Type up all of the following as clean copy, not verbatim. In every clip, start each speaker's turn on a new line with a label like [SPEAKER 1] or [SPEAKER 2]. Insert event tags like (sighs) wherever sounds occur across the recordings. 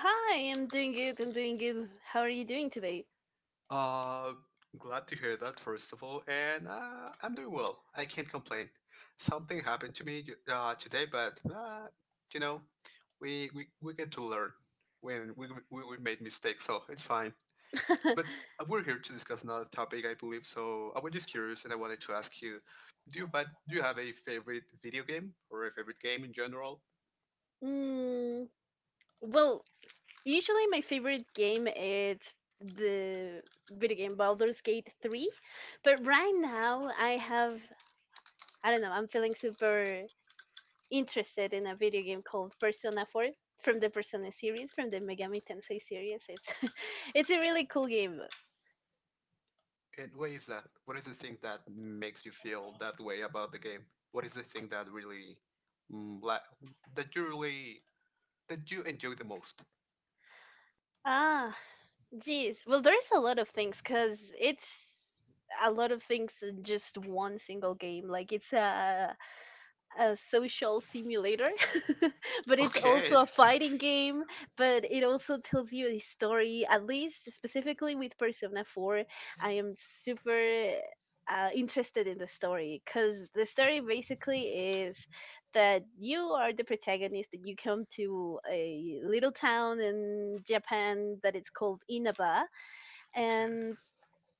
[SPEAKER 1] Hi, I'm doing good. I'm doing good. How are you doing today?
[SPEAKER 2] Uh, Glad to hear that, first of all, and I'm doing well. I can't complain. Something happened to me today, but you know, we get to learn when we made mistakes, so it's fine.
[SPEAKER 1] (laughs)
[SPEAKER 2] But we're here to discuss another topic, I believe. So I was just curious, and I wanted to ask you, do you do you have a favorite video game or a favorite game in general?
[SPEAKER 1] Mm, well, usually my favorite game is the video game Baldur's Gate 3, but right now I have, I don't know, I'm feeling super interested in a video game called Persona 4 from the Persona series, from the Megami Tensei series. It's (laughs) it's a really cool game.
[SPEAKER 2] And why is that? What is the thing that makes you feel that way about the game? What is the thing mm, la- that you really, that you enjoy the most? (laughs)
[SPEAKER 1] Ah, geez, well, there's a lot of things because it's a lot of things in just one single game. Like it's a social simulator, (laughs) but it's also
[SPEAKER 2] Okay.
[SPEAKER 1] a fighting game. But it also tells you a story. At least specifically with Persona 4, I am super interested in the story, because the story basically is that you are the protagonist. That you come to a little town in Japan that it's called Inaba,
[SPEAKER 2] Okay.
[SPEAKER 1] and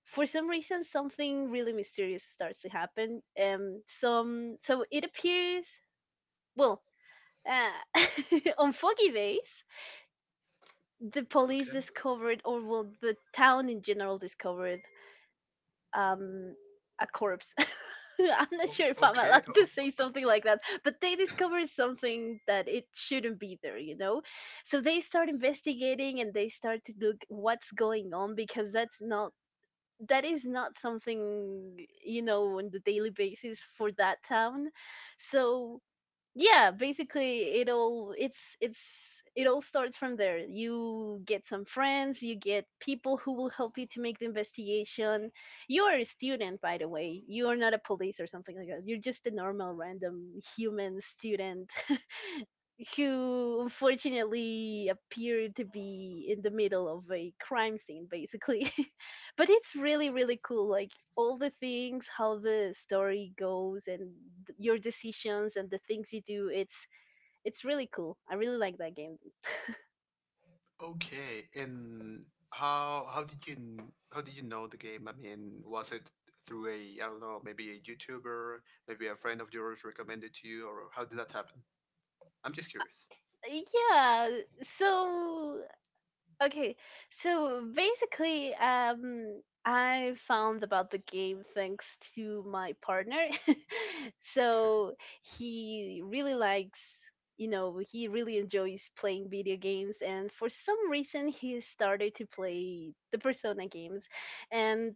[SPEAKER 1] for some reason something really mysterious starts to happen. Um some so it appears, well, uh, (laughs) on foggy days the police
[SPEAKER 2] Okay.
[SPEAKER 1] discovered, or well, the town in general discovered, um a corpse. (laughs) I'm not
[SPEAKER 2] Oh,
[SPEAKER 1] sure if I'm
[SPEAKER 2] okay.
[SPEAKER 1] allowed to say
[SPEAKER 2] Oh,
[SPEAKER 1] something like that, but they discovered something that it shouldn't be there. So they start investigating and they start to look what's going on, because that is not something on the daily basis for that town. So yeah, basically, it all starts from there. You get some friends, you get people who will help you to make the investigation. You're a student, by the way. You're not a police or something like that. You're just a normal, random, human student who unfortunately appeared to be in the middle of a crime scene, basically. (laughs) But it's really really cool, like all the things how the story goes, and your decisions and the things you do, it's really cool. I really like that game,
[SPEAKER 2] okay. And how did you know the game? I mean, was it through a I don't know, maybe a YouTuber, maybe a friend of yours recommended to you, or how did that happen? I'm just curious.
[SPEAKER 1] yeah. so Okay, so basically, I found about the game thanks to my partner. (laughs) So he really likes, he really enjoys playing video games, and for some reason he started to play the Persona games, and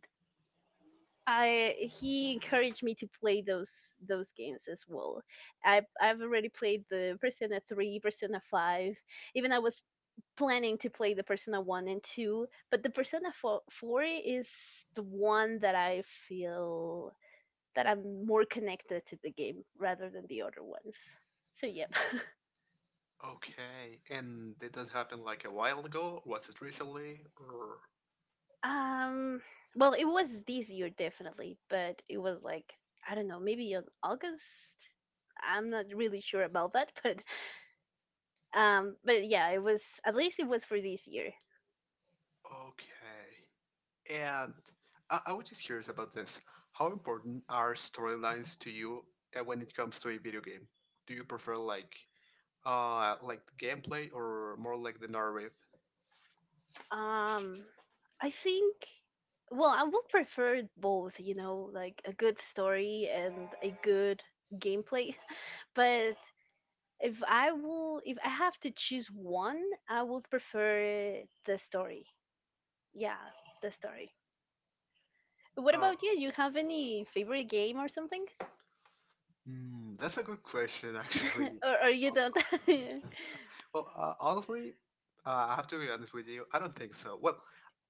[SPEAKER 1] I he encouraged me to play those games as well. I've already played the Persona 3, Persona 5, even I was planning to play the Persona 1 and 2, but the Persona 4 is the one that I feel that I'm more connected to the game rather than the other ones. So, yep.
[SPEAKER 2] Okay, and did that happen like a while ago? Was it recently? Or
[SPEAKER 1] (laughs) um, well, it was this year definitely, but it was like, I don't know, maybe in August? I'm not really sure about that. (laughs) But yeah, it was, at least it was, for this year.
[SPEAKER 2] okay. And I was just curious about this. How important are storylines to you when it comes to a video game? Do you prefer like the gameplay or more like the narrative?
[SPEAKER 1] Um, I think, well, I would prefer both, like a good story and a good gameplay. (laughs) But if I have to choose one, I would prefer the story. Yeah, the story. What
[SPEAKER 2] Uh,
[SPEAKER 1] about you? You have any favorite game or something?
[SPEAKER 2] that's a good question (laughs) actually.
[SPEAKER 1] (laughs) Or you don't? (laughs)
[SPEAKER 2] Well, honestly, I have to be honest with you. I don't think so. Well,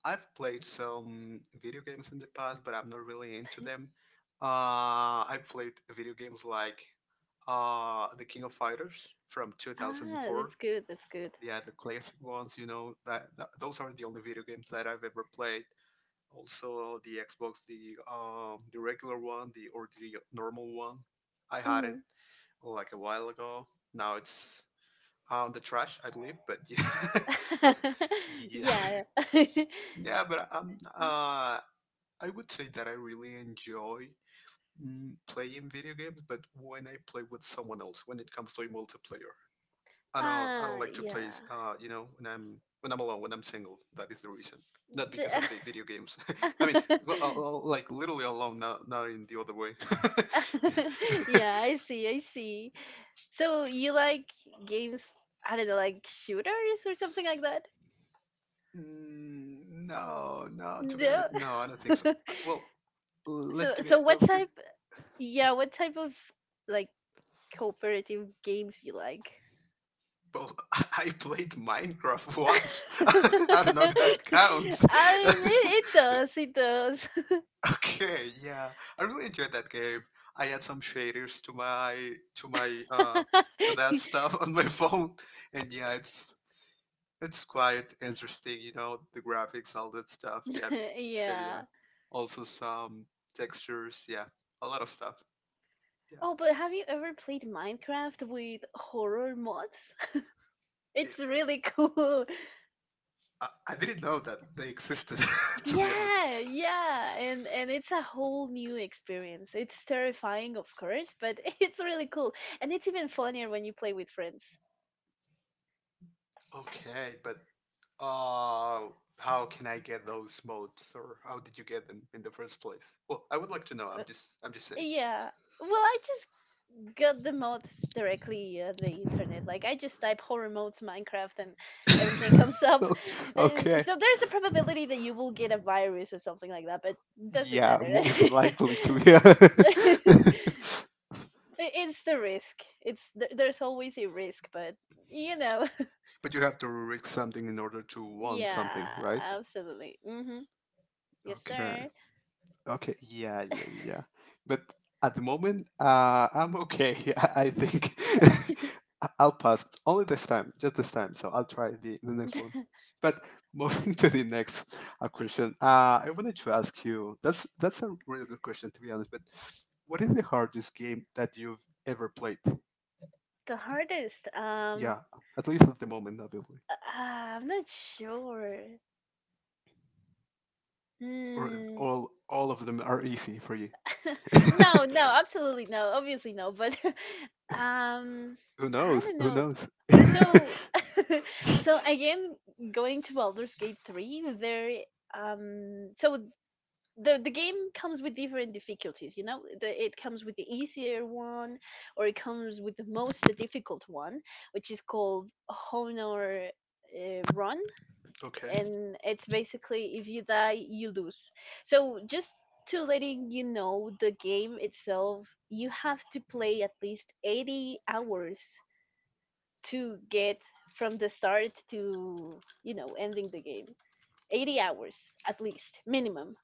[SPEAKER 2] I've played some video games in the past, but I'm not really into them. I played video games like The King of Fighters from
[SPEAKER 1] Ah, that's
[SPEAKER 2] 2004.
[SPEAKER 1] good. That's good.
[SPEAKER 2] Yeah, the classic ones. You know that those are the only video games that I've ever played. Also, the Xbox, the regular one, the normal one. I had it
[SPEAKER 1] Mhm.
[SPEAKER 2] like a while ago. Now it's the trash, I believe. But (laughs) yeah,
[SPEAKER 1] (laughs)
[SPEAKER 2] yeah,
[SPEAKER 1] Yeah.
[SPEAKER 2] (laughs)
[SPEAKER 1] (laughs)
[SPEAKER 2] yeah. But I would say that I really enjoy playing video games, but when I play with someone else, when it comes to a multiplayer, I don't
[SPEAKER 1] Ah,
[SPEAKER 2] like to play.
[SPEAKER 1] yeah.
[SPEAKER 2] When I'm alone, when I'm single, that is the reason. Not because
[SPEAKER 1] The-
[SPEAKER 2] of the video games. (laughs) I mean, well,
[SPEAKER 1] (laughs) (laughs)
[SPEAKER 2] like literally alone, not in the other way.
[SPEAKER 1] yeah,
[SPEAKER 2] (laughs)
[SPEAKER 1] I see, I see. So you like games, I don't know, like shooters or something like that?
[SPEAKER 2] Mm, no, no. To be
[SPEAKER 1] No.
[SPEAKER 2] honest, no, I don't think so.
[SPEAKER 1] (laughs)
[SPEAKER 2] Well,
[SPEAKER 1] so
[SPEAKER 2] let's give
[SPEAKER 1] so
[SPEAKER 2] it.
[SPEAKER 1] what
[SPEAKER 2] Let's give.
[SPEAKER 1] type yeah, what type of, like, cooperative games you like?
[SPEAKER 2] Well, (laughs) I played Minecraft once. (laughs)
[SPEAKER 1] (laughs)
[SPEAKER 2] I don't know if that counts.
[SPEAKER 1] I mean, it does, it does.
[SPEAKER 2] (laughs) Okay, yeah, I really enjoyed that game. I add some shaders to that (laughs)
[SPEAKER 1] (laughs)
[SPEAKER 2] stuff on my phone, and yeah, it's quite interesting. You know, the graphics, all that stuff. Yeah, yeah, yeah.
[SPEAKER 1] Yeah.
[SPEAKER 2] Also some textures. Yeah, a lot of stuff. Yeah.
[SPEAKER 1] Oh, but have you ever played Minecraft with horror mods? (laughs) It's really cool.
[SPEAKER 2] I didn't know that they existed, (laughs) to be honest.
[SPEAKER 1] Yeah, yeah, and it's a whole new experience. It's terrifying, of course, but (laughs) it's really cool, and it's even funnier when you play with friends.
[SPEAKER 2] Okay, but uh, how can I get those modes, or how did you get them in the first place? Well, I would like to know. I'm just
[SPEAKER 1] Yeah. Well, I just got the mods directly on the internet. Like I just type horror modes Minecraft and everything
[SPEAKER 2] saying.
[SPEAKER 1] comes up. (laughs)
[SPEAKER 2] (laughs) Okay.
[SPEAKER 1] So there's a probability that you will get a virus or something like that, but doesn't
[SPEAKER 2] Yeah,
[SPEAKER 1] matter.
[SPEAKER 2] most likely to
[SPEAKER 1] (laughs)
[SPEAKER 2] be.
[SPEAKER 1] It-
[SPEAKER 2] (laughs)
[SPEAKER 1] It's the risk. It's there's always a risk, but you know.
[SPEAKER 2] But you have to risk something in order to want
[SPEAKER 1] Yeah,
[SPEAKER 2] something, right?
[SPEAKER 1] absolutely. Mm-hmm. Yes,
[SPEAKER 2] Okay.
[SPEAKER 1] sir.
[SPEAKER 2] Okay, yeah, yeah, yeah. But at the moment, I'm okay. (laughs) I think
[SPEAKER 1] (laughs) the,
[SPEAKER 2] (laughs) I'll pass only this time, just this time. So I'll try the next one. But moving (laughs) to the next question, I wanted to ask you. That's a really good question, to be honest. But what is the hardest game that you've ever played?
[SPEAKER 1] the hardest.
[SPEAKER 2] Yeah, at least at the moment, obviously.
[SPEAKER 1] I'm not sure.
[SPEAKER 2] Or
[SPEAKER 1] Hmm.
[SPEAKER 2] all of them are easy for you?
[SPEAKER 1] (laughs) No,
[SPEAKER 2] (laughs)
[SPEAKER 1] no, absolutely no. Obviously no. But (laughs)
[SPEAKER 2] Who
[SPEAKER 1] I
[SPEAKER 2] knows?
[SPEAKER 1] don't
[SPEAKER 2] Who
[SPEAKER 1] know.
[SPEAKER 2] knows?
[SPEAKER 1] So,
[SPEAKER 2] (laughs)
[SPEAKER 1] (laughs) so again, going to Baldur's Gate 3, there. So the game comes with different difficulties. It comes with the easier one, or it comes with the most difficult one, which is called honor run,
[SPEAKER 2] Okay.
[SPEAKER 1] and it's basically if you die you lose. So just to letting you know, the game itself you have to play at least 80 hours to get from the start to ending the game. 80 hours at least, minimum.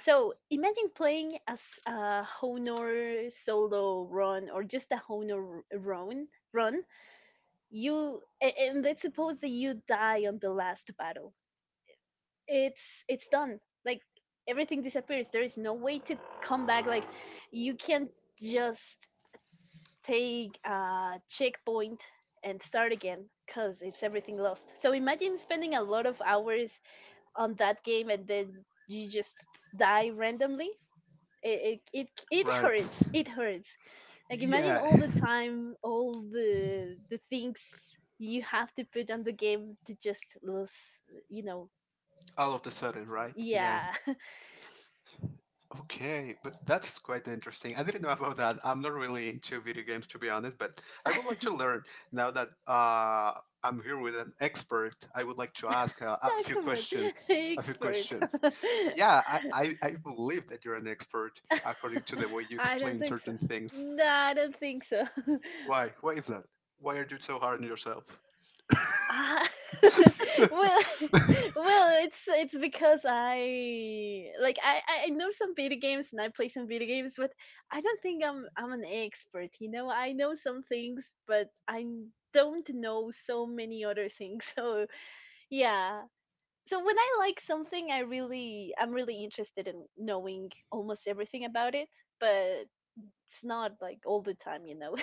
[SPEAKER 1] So imagine playing as a Honor solo run, or just a Honor run. Run and let's suppose that you die on the last battle. It's done. Like everything disappears. There is no way to come back. Like you can't just take a checkpoint and start again because it's everything lost. So imagine spending a lot of hours on that game and then you just die randomly. it it it, it
[SPEAKER 2] Right.
[SPEAKER 1] hurts it hurts Like imagine
[SPEAKER 2] Yeah,
[SPEAKER 1] all the time, all the things you have to put on the game to just lose you know
[SPEAKER 2] (laughs) all of the sudden,
[SPEAKER 1] lose.
[SPEAKER 2] right? Yeah.
[SPEAKER 1] Yeah.
[SPEAKER 2] Okay, but that's quite interesting. I didn't know about that. I'm not really into video games, to be honest, but I would like to learn now that I'm here with an expert. I would like to ask
[SPEAKER 1] (laughs) No,
[SPEAKER 2] a few
[SPEAKER 1] come on. (laughs)
[SPEAKER 2] questions. A few
[SPEAKER 1] Expert.
[SPEAKER 2] questions. Yeah, I believe that you're an expert according to the
[SPEAKER 1] (laughs)
[SPEAKER 2] way you
[SPEAKER 1] I don't
[SPEAKER 2] explain
[SPEAKER 1] think so.
[SPEAKER 2] certain things.
[SPEAKER 1] No, I don't think so. (laughs)
[SPEAKER 2] Why? Why is that? Why are you so hard on yourself?
[SPEAKER 1] Ah, (laughs) well, (laughs)
[SPEAKER 2] (laughs)
[SPEAKER 1] well, it's because I like, I know some video games, and I play some video games, but I don't think I'm an expert. You know, I know some things, but I don't know so many other things. (laughs) So yeah. So when I like something, I'm really interested in knowing almost everything about it, but it's not like all the time.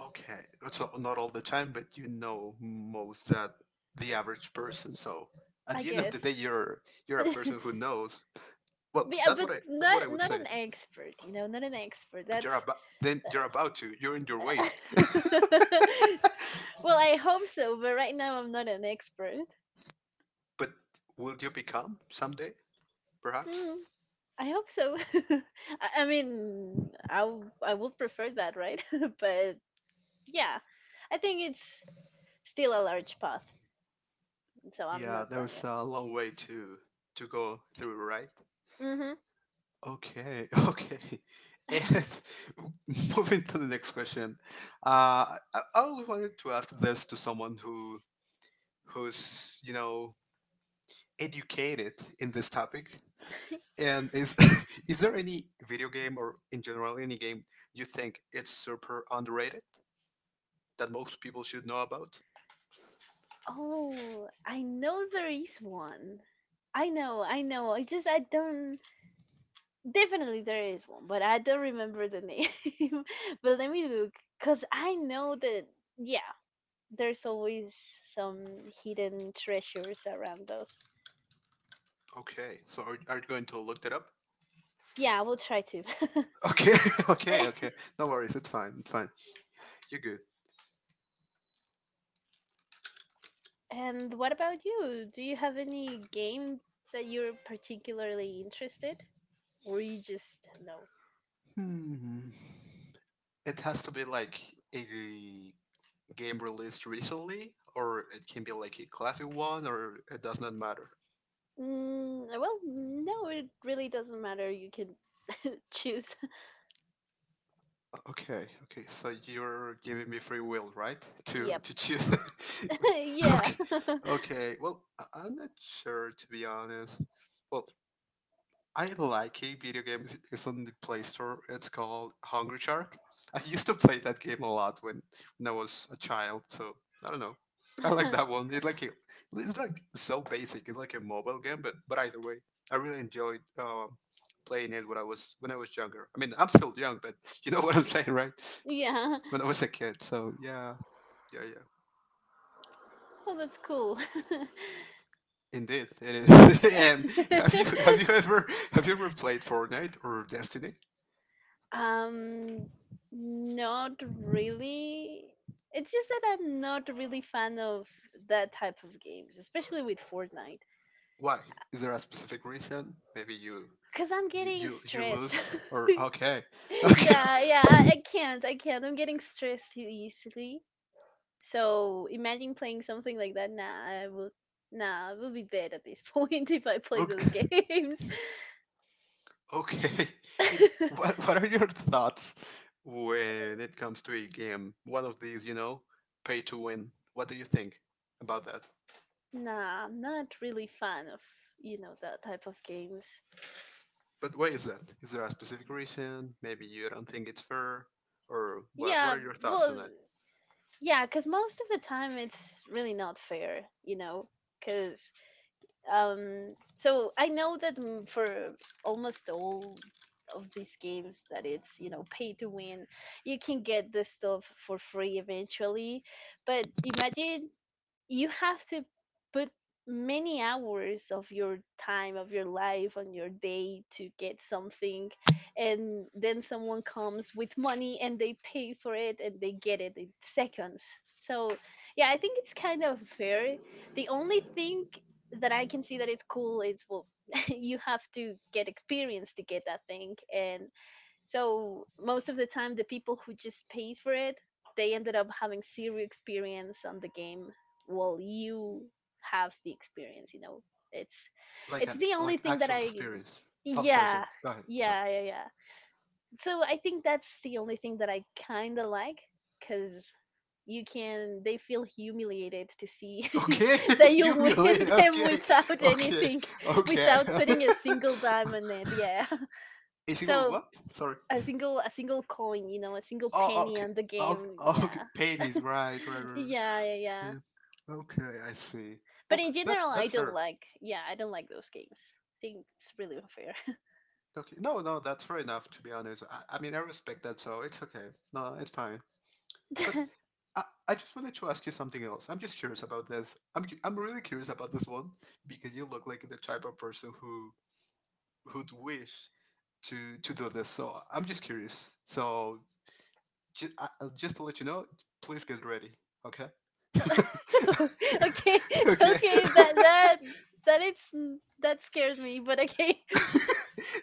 [SPEAKER 2] Okay, so not all the time, but you know most that the average person. So
[SPEAKER 1] (laughs)
[SPEAKER 2] at
[SPEAKER 1] I
[SPEAKER 2] the end of the day,
[SPEAKER 1] guess.
[SPEAKER 2] you're a person who knows. Well,
[SPEAKER 1] But yeah, but
[SPEAKER 2] that's what I
[SPEAKER 1] not
[SPEAKER 2] would say.
[SPEAKER 1] an expert, not an expert.
[SPEAKER 2] But you're
[SPEAKER 1] That's
[SPEAKER 2] about then you're about to you're in your way.
[SPEAKER 1] (laughs) well, I hope so, but right now I'm not an expert.
[SPEAKER 2] But will you become someday, perhaps?
[SPEAKER 1] Hmm, I hope so. (laughs) I mean, I would prefer that, right? (laughs) but yeah, I think it's still a large path, so I'm
[SPEAKER 2] Yeah,
[SPEAKER 1] not done
[SPEAKER 2] there's
[SPEAKER 1] yet.
[SPEAKER 2] a long way to go through, right?
[SPEAKER 1] Hmm.
[SPEAKER 2] Okay, (laughs) okay. And (laughs) moving to the next question, I always wanted to ask this to someone who who's you know educated in this topic. And is (laughs) is there any video game or in general any game you think it's super underrated that most people should know about?
[SPEAKER 1] Oh, I know there is one. I know, I know. I just I don't Definitely there is one, but I don't remember the name. (laughs) But let me look, cause I know that, yeah, there's always some hidden treasures around us.
[SPEAKER 2] Okay, so are you going to look that up?
[SPEAKER 1] Yeah, I will try to.
[SPEAKER 2] Okay, (laughs) okay,
[SPEAKER 1] (laughs)
[SPEAKER 2] okay. No worries, it's fine, it's fine. You're good.
[SPEAKER 1] And what about you? Do you have any game that you're particularly interested, or you just no?
[SPEAKER 2] Hmm. It has to be like a game released recently, or it can be like a classic one, or it does not matter.
[SPEAKER 1] Well, no, it really doesn't matter. You can (laughs) choose.
[SPEAKER 2] Okay, okay. So you're giving me free will, right? To
[SPEAKER 1] Yep.
[SPEAKER 2] to choose.
[SPEAKER 1] (laughs)
[SPEAKER 2] (laughs)
[SPEAKER 1] Yeah.
[SPEAKER 2] Okay, okay. Well, I'm not sure to be honest. Well, I like a video game. It's on the Play Store. It's called Hungry Shark. I used to play that game a lot when I was a child. So I don't know. I like that
[SPEAKER 1] (laughs)
[SPEAKER 2] one. It's like so basic. It's like a mobile game, but either way, I really enjoyed playing it when I was younger. I mean, I'm still young, but you know (laughs) what I'm saying, right?
[SPEAKER 1] Yeah.
[SPEAKER 2] When I was a kid. So yeah, yeah, yeah.
[SPEAKER 1] Oh, that's cool.
[SPEAKER 2] Indeed, it is. (laughs) And have you have
[SPEAKER 1] (laughs)
[SPEAKER 2] you
[SPEAKER 1] (laughs)
[SPEAKER 2] ever have you ever played Fortnite or Destiny?
[SPEAKER 1] Um, not really. It's just that I'm not really fan of that type of games, especially with Fortnite,
[SPEAKER 2] Why? Is there a specific reason? Maybe you
[SPEAKER 1] because I'm getting
[SPEAKER 2] you
[SPEAKER 1] stressed.
[SPEAKER 2] lose or
[SPEAKER 1] (laughs)
[SPEAKER 2] okay, (laughs) okay,
[SPEAKER 1] Yeah, yeah, I can't, I can't. I'm getting stressed too easily. So imagine playing something like that. Nah, I will. Nah, I will be bad at this (laughs) point if I play those
[SPEAKER 2] ok-
[SPEAKER 1] games.
[SPEAKER 2] okay. It,
[SPEAKER 1] (laughs)
[SPEAKER 2] what what are your thoughts when it comes to a game? One of these, pay to win. What do you think about that?
[SPEAKER 1] Nah, I'm not really fan of that type of games.
[SPEAKER 2] But why is that? Is there a specific reason? Maybe you don't think it's fair, or what? What
[SPEAKER 1] Yeah,
[SPEAKER 2] are your thoughts
[SPEAKER 1] well,
[SPEAKER 2] on?
[SPEAKER 1] yeah, because most of the time it's really not fair, because, so I know that for almost all of these games that it's pay to win, you can get the stuff for free eventually. But imagine, you have to put many hours of your time, of your life, on your day to get something, and then someone comes with money and they pay for it and they get it in seconds. So yeah, I think it's kind of fair. The only thing that I can see that it's cool is, well, (laughs) you have to get experience to get that thing, and so most of the time, the people who just paid for it, they ended up having zero experience on the game, while you have the experience. It's
[SPEAKER 2] Like
[SPEAKER 1] it's
[SPEAKER 2] an
[SPEAKER 1] the only
[SPEAKER 2] like
[SPEAKER 1] thing that
[SPEAKER 2] actual
[SPEAKER 1] I,
[SPEAKER 2] experience. Oh, sorry,
[SPEAKER 1] yeah,
[SPEAKER 2] sorry. Go ahead. Sorry.
[SPEAKER 1] yeah, yeah, yeah. So I think that's the only thing that I kind of like, cause you can they feel humiliated to see (laughs)
[SPEAKER 2] Okay,
[SPEAKER 1] that
[SPEAKER 2] (laughs)
[SPEAKER 1] you
[SPEAKER 2] you
[SPEAKER 1] win
[SPEAKER 2] humiliate.
[SPEAKER 1] them
[SPEAKER 2] Okay,
[SPEAKER 1] without
[SPEAKER 2] okay,
[SPEAKER 1] anything,
[SPEAKER 2] okay.
[SPEAKER 1] without putting a
[SPEAKER 2] (laughs)
[SPEAKER 1] single diamond in, yeah.
[SPEAKER 2] Is
[SPEAKER 1] (laughs)
[SPEAKER 2] it called
[SPEAKER 1] So
[SPEAKER 2] what? Sorry.
[SPEAKER 1] a single coin, a single
[SPEAKER 2] Oh,
[SPEAKER 1] penny
[SPEAKER 2] okay.
[SPEAKER 1] on the
[SPEAKER 2] Okay,
[SPEAKER 1] game,
[SPEAKER 2] okay.
[SPEAKER 1] yeah,
[SPEAKER 2] Pennies, right, right, right, right.
[SPEAKER 1] yeah, yeah, yeah.
[SPEAKER 2] Yeah. Okay, I see.
[SPEAKER 1] But
[SPEAKER 2] Well,
[SPEAKER 1] in
[SPEAKER 2] that
[SPEAKER 1] general, I
[SPEAKER 2] that's
[SPEAKER 1] don't
[SPEAKER 2] fair.
[SPEAKER 1] like yeah, I don't like those games, I think it's really unfair.
[SPEAKER 2] Okay, no, no, that's fair enough. To be honest, I mean, I respect that, so it's okay. No, it's fine. But I, I just wanted to ask you something else. I'm just curious about this. I'm really curious about this one because you look like the type of person who'd wish to do this. So I'm just curious. So just just to let you know, please get ready. Okay.
[SPEAKER 1] (laughs) Okay,
[SPEAKER 2] (laughs) Okay.
[SPEAKER 1] okay,
[SPEAKER 2] (laughs)
[SPEAKER 1] that is that scares me, but okay.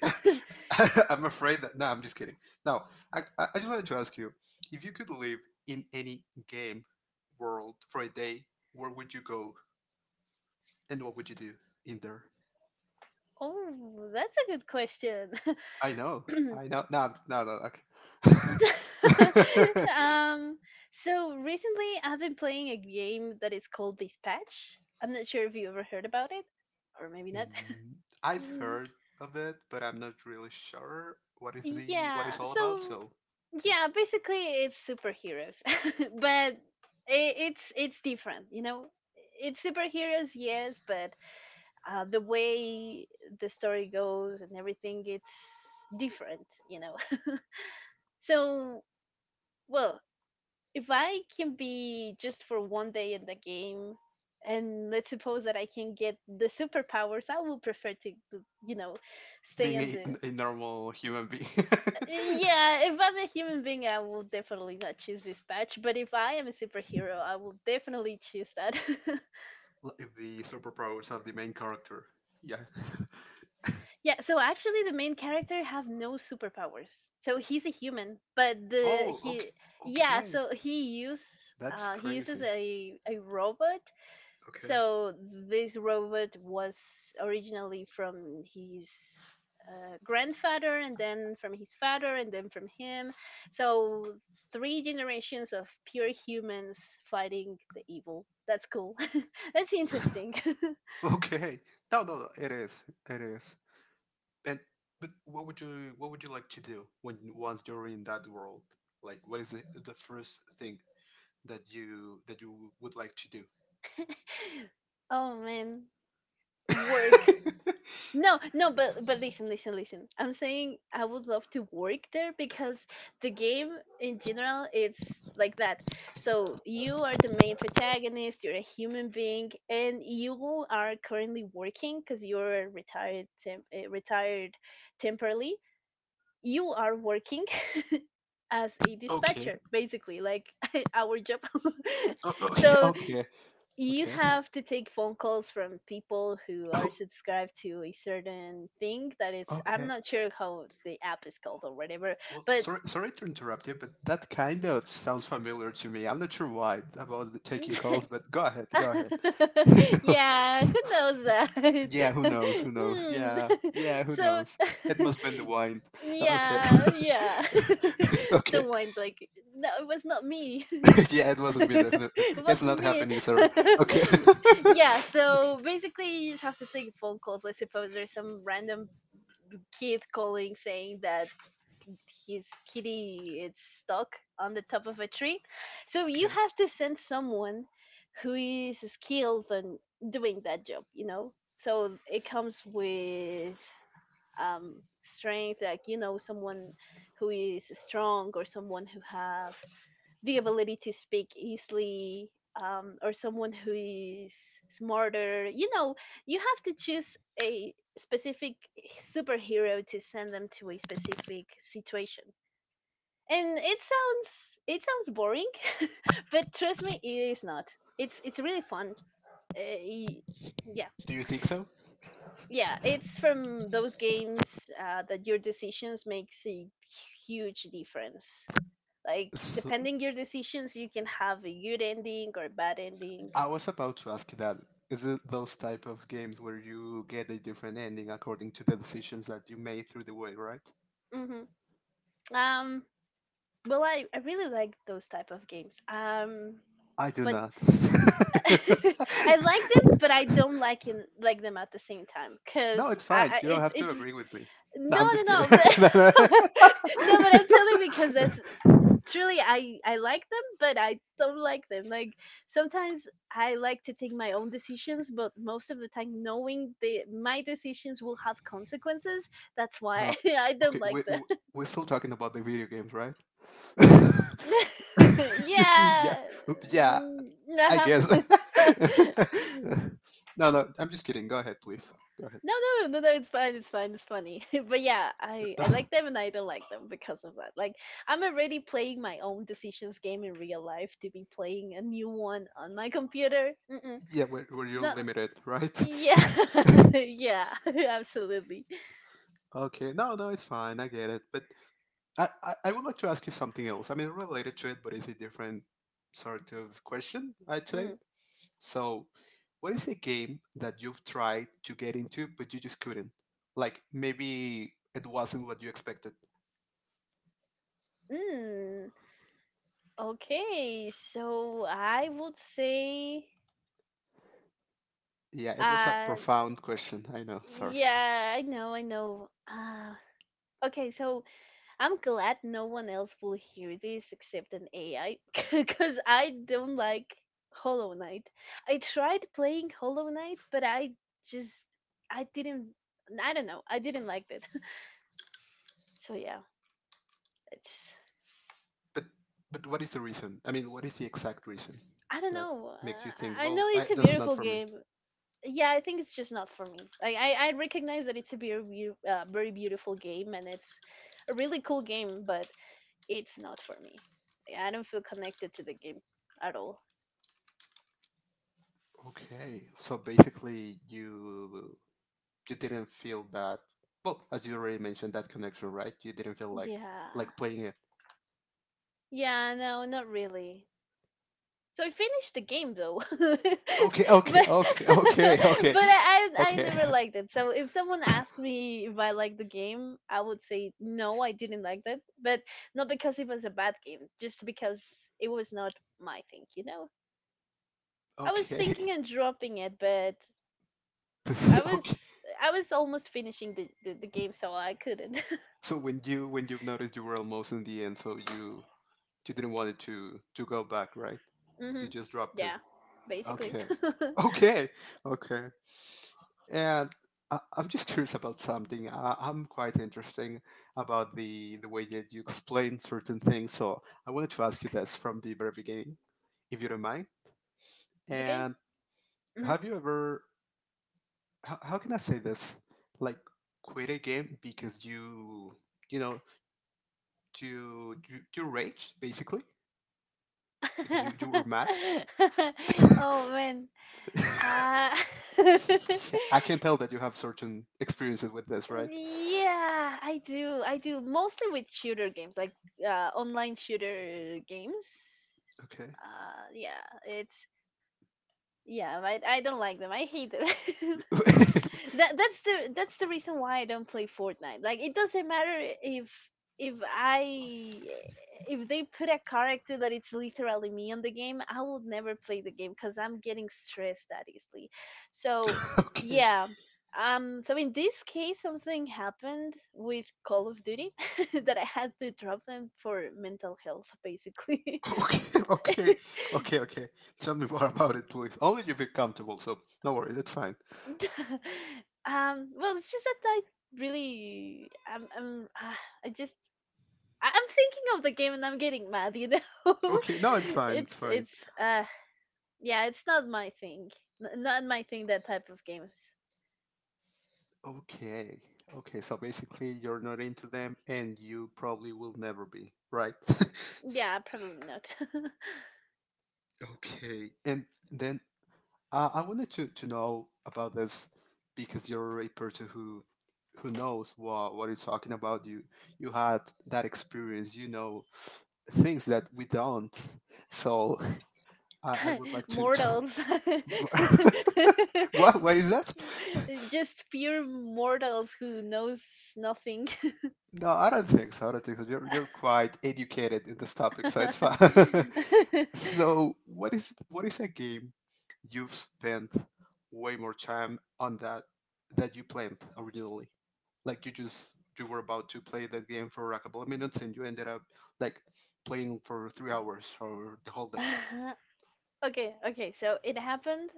[SPEAKER 1] (laughs)
[SPEAKER 2] I'm afraid that no, I'm just kidding. Now, I just wanted to ask you if you could live in any game world for a day, where would you go? And what would you do in there?
[SPEAKER 1] Oh, that's a good question.
[SPEAKER 2] I know. I
[SPEAKER 1] (laughs)
[SPEAKER 2] know. No, no, no. Okay. (laughs)
[SPEAKER 1] um so recently I've been playing a game that is called Dispatch. I'm not sure if you ever heard about it, or maybe not.
[SPEAKER 2] Mm, I've
[SPEAKER 1] Mm,
[SPEAKER 2] heard of it, but I'm not really sure what is the what
[SPEAKER 1] yeah.
[SPEAKER 2] it's all about.
[SPEAKER 1] So
[SPEAKER 2] So, yeah,
[SPEAKER 1] yeah, basically it's superheroes, (laughs) but it's different. You know, it's superheroes, yes, but the way the story goes and everything, it's different. You know. (laughs) So, well, if I can be just for one day in the game. And let's suppose that I can get the superpowers. I will prefer you know, stay
[SPEAKER 2] being
[SPEAKER 1] on
[SPEAKER 2] a,
[SPEAKER 1] the...
[SPEAKER 2] a normal human being, (laughs)
[SPEAKER 1] Yeah, if I'm a human being, I will definitely not choose this patch. But if I am a superhero, I will definitely choose that.
[SPEAKER 2] like the superpowers of the main character. Yeah. (laughs)
[SPEAKER 1] (laughs) Yeah, so actually, the main character have no superpowers. So he's a human, but the
[SPEAKER 2] Oh, okay.
[SPEAKER 1] he... yeah,
[SPEAKER 2] Okay.
[SPEAKER 1] so he use...
[SPEAKER 2] That's
[SPEAKER 1] he uses
[SPEAKER 2] crazy.
[SPEAKER 1] a robot.
[SPEAKER 2] Okay.
[SPEAKER 1] So this robot was originally from his grandfather, and then from his father, and then from him. So three generations of pure humans fighting the evil. That's cool. (laughs) That's interesting.
[SPEAKER 2] Okay. No, no, no. It is. It is. And but what would you like to do when once you're in that world? Like, what is the first thing that you would like to do?
[SPEAKER 1] (laughs) Oh man, work. No, no, but listen, listen, listen. I'm saying I would love to work there because the game in general it's like that. So you are the main protagonist, you're a human being, and you are currently working because you're retired temporarily. You are working (laughs) as a
[SPEAKER 2] (laughs) Okay.
[SPEAKER 1] dispatcher, basically, like (laughs) our job. (laughs)
[SPEAKER 2] Okay.
[SPEAKER 1] So
[SPEAKER 2] Okay.
[SPEAKER 1] you
[SPEAKER 2] Okay. (laughs)
[SPEAKER 1] have to take phone calls from people who are
[SPEAKER 2] Oh,
[SPEAKER 1] subscribed to a certain thing that it's I'm
[SPEAKER 2] okay.
[SPEAKER 1] not sure how the app is called or whatever
[SPEAKER 2] Well,
[SPEAKER 1] but
[SPEAKER 2] sorry, sorry to interrupt you, but that kind of sounds familiar to me. I'm not sure why about the taking calls,
[SPEAKER 1] (laughs)
[SPEAKER 2] but go ahead, go ahead.
[SPEAKER 1] yeah,
[SPEAKER 2] (laughs)
[SPEAKER 1] who knows that?
[SPEAKER 2] Yeah, who knows? Who
[SPEAKER 1] (laughs)
[SPEAKER 2] knows?
[SPEAKER 1] Hmm.
[SPEAKER 2] Yeah, yeah,
[SPEAKER 1] (laughs)
[SPEAKER 2] who
[SPEAKER 1] So
[SPEAKER 2] knows? It
[SPEAKER 1] (laughs)
[SPEAKER 2] must been the wine. Okay.
[SPEAKER 1] yeah, yeah.
[SPEAKER 2] (laughs)
[SPEAKER 1] (laughs) The
[SPEAKER 2] Okay.
[SPEAKER 1] one like... no, it was not me.
[SPEAKER 2] (laughs) Yeah, it
[SPEAKER 1] (laughs)
[SPEAKER 2] wasn't me, definitely.
[SPEAKER 1] It was
[SPEAKER 2] It's not
[SPEAKER 1] me.
[SPEAKER 2] happening, sir. Okay.
[SPEAKER 1] (laughs) Yeah,
[SPEAKER 2] (laughs) Okay.
[SPEAKER 1] so basically you just have to take phone calls. I suppose there's some random kid calling saying that his kitty is stuck on the top of a tree. So you
[SPEAKER 2] Okay.
[SPEAKER 1] have to send someone who is skilled in doing that job, you know? So it comes with strength, like, you know, someone who is strong or someone who have the ability to speak easily, or someone who is smarter. You know, you have to choose a specific superhero to send them to a specific situation. And it sounds boring, (laughs) but trust me, it is not. It's really fun. Uh, y- yeah,
[SPEAKER 2] Do you think so?
[SPEAKER 1] yeah. It's from those games that your decisions makes a huge difference. Like
[SPEAKER 2] So?
[SPEAKER 1] depending your decisions you can have a good ending or a bad ending.
[SPEAKER 2] I was about to ask that. Is it those type of games where you get a different ending according to the decisions that you made through the way, right?
[SPEAKER 1] Hmm. Um, well, I really like those type of games.
[SPEAKER 2] I do
[SPEAKER 1] But
[SPEAKER 2] not.
[SPEAKER 1] (laughs) I like them but I
[SPEAKER 2] (laughs)
[SPEAKER 1] don't like like them at the same time because
[SPEAKER 2] No, it's fine.
[SPEAKER 1] I
[SPEAKER 2] You don't
[SPEAKER 1] it's
[SPEAKER 2] have to
[SPEAKER 1] it's no.
[SPEAKER 2] agree with me. No,
[SPEAKER 1] no
[SPEAKER 2] I'm just kidding.
[SPEAKER 1] no (laughs) the-
[SPEAKER 2] (laughs) No, no.
[SPEAKER 1] (laughs) no, but I'm telling because that's truly... I like them but I don't like them, like sometimes I like to take my own decisions, but most of the time knowing the my decisions will have consequences, that's
[SPEAKER 2] (laughs)
[SPEAKER 1] why
[SPEAKER 2] uh,
[SPEAKER 1] (laughs) I don't
[SPEAKER 2] okay,
[SPEAKER 1] like them.
[SPEAKER 2] we're still talking about the video games, right? (laughs)
[SPEAKER 1] (laughs)
[SPEAKER 2] Yeah,
[SPEAKER 1] Yeah.
[SPEAKER 2] yeah,
[SPEAKER 1] Mm,
[SPEAKER 2] I
[SPEAKER 1] nah.
[SPEAKER 2] guess.
[SPEAKER 1] (laughs)
[SPEAKER 2] (laughs) No, no, I'm just kidding. Go ahead, please. Go ahead.
[SPEAKER 1] no no no no it's fine, it's fine, it's funny. (laughs) But yeah, I like them and I don't like them because of that, like I'm already playing my own decisions game in real life to be playing a new one on my computer. Mm-mm.
[SPEAKER 2] (sighs) Yeah, where you're
[SPEAKER 1] No.
[SPEAKER 2] limited, right?
[SPEAKER 1] Yeah, (laughs) yeah, (laughs) absolutely.
[SPEAKER 2] (laughs) Okay, no, no, it's fine. I get it. But I would like to ask you something else. I mean, related to it, but it's a different sort of question, I'd say.
[SPEAKER 1] Mm.
[SPEAKER 2] So, what is a game that you've tried to get into but you just couldn't? Like maybe it wasn't what you expected.
[SPEAKER 1] Mm. Okay, so I would say,
[SPEAKER 2] Yeah, it was a
[SPEAKER 1] uh,
[SPEAKER 2] profound question. I know. Sorry.
[SPEAKER 1] yeah, I know, I know. Okay, so I'm glad no one else will hear this except an AI, (laughs) because I don't like Hollow Knight. I tried playing Hollow Knight, but I just, I didn't, I don't know, I didn't like it. (laughs) So yeah, it's...
[SPEAKER 2] But but what is the reason? I mean, what is the exact reason
[SPEAKER 1] I don't
[SPEAKER 2] that
[SPEAKER 1] know.
[SPEAKER 2] makes you think,
[SPEAKER 1] I
[SPEAKER 2] well,
[SPEAKER 1] know it's a
[SPEAKER 2] this is not
[SPEAKER 1] beautiful
[SPEAKER 2] for me?
[SPEAKER 1] game. Yeah, I think it's just not for me. Like I recognize that it's a very beautiful game and it's a really cool game, but it's not for me. I don't feel connected to the game at all.
[SPEAKER 2] Okay. So basically, you didn't feel that. Well, as you already mentioned, that connection, right? You didn't feel like
[SPEAKER 1] Yeah.
[SPEAKER 2] playing it.
[SPEAKER 1] Yeah, no, not really. So I finished the game though, (laughs) but
[SPEAKER 2] Okay.
[SPEAKER 1] (laughs)
[SPEAKER 2] Okay.
[SPEAKER 1] but
[SPEAKER 2] Okay. Okay. Okay.
[SPEAKER 1] I
[SPEAKER 2] Okay.
[SPEAKER 1] never
[SPEAKER 2] (laughs)
[SPEAKER 1] liked it. So if someone asked me if I liked the game, I would say no, I didn't like that. But not because it was a bad game, just because it was not my thing. You know, I was thinking
[SPEAKER 2] Okay.
[SPEAKER 1] and dropping it, but I
[SPEAKER 2] (laughs)
[SPEAKER 1] was...
[SPEAKER 2] okay.
[SPEAKER 1] I was almost finishing the game, so I couldn't.
[SPEAKER 2] So when you when you've noticed you were almost in the end, so you didn't want it to go back, right?
[SPEAKER 1] (laughs)
[SPEAKER 2] You
[SPEAKER 1] Hmm.
[SPEAKER 2] just dropped it.
[SPEAKER 1] Yeah, basically.
[SPEAKER 2] Okay. (laughs)
[SPEAKER 1] (laughs)
[SPEAKER 2] Okay. Okay. And I'm just curious about something. I'm quite interesting about the way that you explain certain things. So I wanted to ask you this from the very beginning, if you don't mind.
[SPEAKER 1] It's okay.
[SPEAKER 2] And
[SPEAKER 1] Hmm.
[SPEAKER 2] have you ever? How can I say this? Like quit a game because you know you raged basically because you were mad.
[SPEAKER 1] (laughs)
[SPEAKER 2] (laughs)
[SPEAKER 1] Oh man. Uh, (laughs)
[SPEAKER 2] Yeah, I can tell that you have certain experiences with this, right?
[SPEAKER 1] yeah, I do. I do mostly with shooter games, like online shooter games.
[SPEAKER 2] Okay.
[SPEAKER 1] Yeah, it's... yeah. I don't like them. I hate them. (laughs)
[SPEAKER 2] (laughs)
[SPEAKER 1] That's the reason why I don't play Fortnite. Like it doesn't matter if... if I... if they put a character that it's literally me on the game, I will never play the game because I'm getting stressed that easily. So
[SPEAKER 2] okay. Okay.
[SPEAKER 1] yeah. So in this case something happened with Call of Duty (laughs) that I had to drop them for mental health basically.
[SPEAKER 2] Okay.
[SPEAKER 1] (laughs)
[SPEAKER 2] Okay. Okay. Tell me more about it, please. Only you feel comfortable, so no worries. It's fine.
[SPEAKER 1] Well it's just that I really... I'm I just... I'm thinking of the game and I'm getting mad, you know. (laughs)
[SPEAKER 2] Okay. No, it's fine. It's fine.
[SPEAKER 1] It's uh yeah, it's not my thing. Not my thing, that type of games.
[SPEAKER 2] Okay. Okay. So basically, you're not into them, and you probably will never be, right? (laughs)
[SPEAKER 1] Yeah, probably not.
[SPEAKER 2] okay. And then I wanted to know about this because you're a person who knows what you're talking about. You had that experience. You know things that we don't. So I would
[SPEAKER 1] (laughs)
[SPEAKER 2] like to to.
[SPEAKER 1] Mortals.
[SPEAKER 2] (laughs) what? What is that?
[SPEAKER 1] (laughs) Just pure mortals who knows nothing.
[SPEAKER 2] No, I don't think so. I don't think so. You're quite educated in this topic, so it's fine. (laughs)
[SPEAKER 1] (laughs)
[SPEAKER 2] so, what is a game you've spent way more time on that you planned originally? Like you just you were about to play that game for a couple of minutes, and you ended up like playing for 3 hours or the whole day,
[SPEAKER 1] Okay, okay. So it happened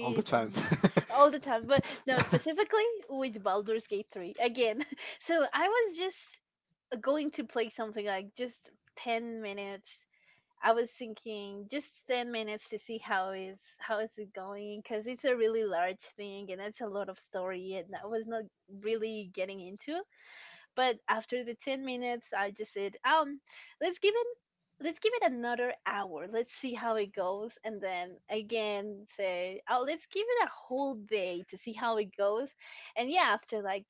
[SPEAKER 2] all the time.
[SPEAKER 1] b- all the time, but no, specifically with Baldur's Gate 3 again. (laughs) So I was just going to play something like just 10 minutes. I was thinking just 10 minutes to see how is it going because it's a really large thing and it's a lot of story and I was not really getting into. But after the 10 minutes, I just said, let's give it let's give it another hour. Let's see how it goes and then again say, "Oh, let's give it a whole day to see how it goes." And yeah, after like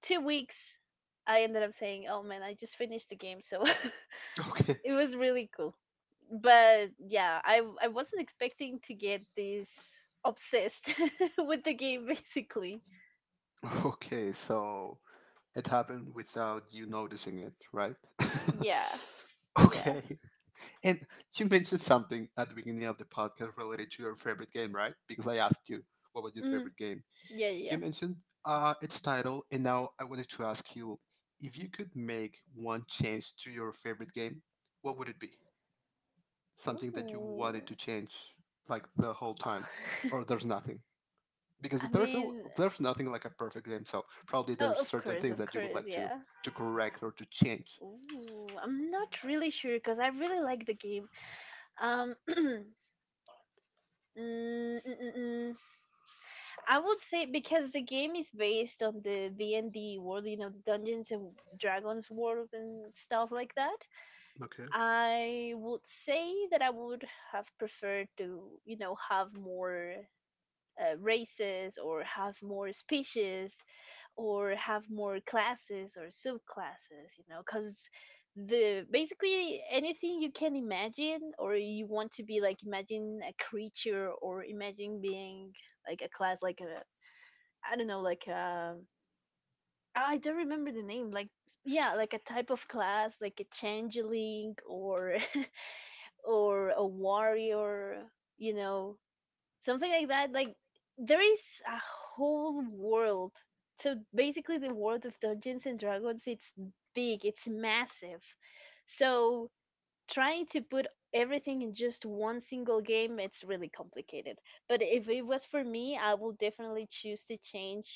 [SPEAKER 1] 2 weeks, I ended up saying, "Oh man, I just finished the game." So
[SPEAKER 2] (laughs) okay,
[SPEAKER 1] (laughs) it was really cool. But yeah, I wasn't expecting to get this obsessed (laughs) with the game basically.
[SPEAKER 2] okay. So, it happened without you noticing it, right?
[SPEAKER 1] Yeah.
[SPEAKER 2] (laughs)
[SPEAKER 1] Yeah.
[SPEAKER 2] okay. And you mentioned something at the beginning of the podcast related to your favorite game, right? Because I asked you what was your
[SPEAKER 1] Mm,
[SPEAKER 2] favorite game.
[SPEAKER 1] yeah, yeah.
[SPEAKER 2] You
[SPEAKER 1] yeah.
[SPEAKER 2] mentioned its title, and now I wanted to ask you if you could make one change to your favorite game, what would it be? Something that you wanted
[SPEAKER 1] Ooh.
[SPEAKER 2] to change like the whole time, or
[SPEAKER 1] (laughs)
[SPEAKER 2] there's nothing? Because
[SPEAKER 1] I
[SPEAKER 2] there's no
[SPEAKER 1] mean,
[SPEAKER 2] there's nothing like a perfect game, so probably
[SPEAKER 1] oh,
[SPEAKER 2] there's certain things
[SPEAKER 1] of
[SPEAKER 2] that you would
[SPEAKER 1] course,
[SPEAKER 2] like
[SPEAKER 1] yeah.
[SPEAKER 2] to correct or to change.
[SPEAKER 1] Ooh, I'm not really sure because I really like the game. Um, (clears throat) mm, mm, mm, mm. I would say because the game is based on the D and D world, you know, the Dungeons and Dragons world and stuff like that.
[SPEAKER 2] Okay.
[SPEAKER 1] I would say that I would have preferred to, you know, have more races, or have more species, or have more classes or subclasses, you know, because the basically anything you can imagine or you want to be, like imagine a creature, or imagine being like a class, like a... I don't know, like a... I don't remember the name, like... yeah, like a type of class like a changeling or (laughs) or a warrior, you know, something like that. Like there is a whole world. So basically, the world of Dungeons and Dragons it's big, it's massive. So trying to put everything in just one single game, it's really complicated. But if it was for me, I will definitely choose to change,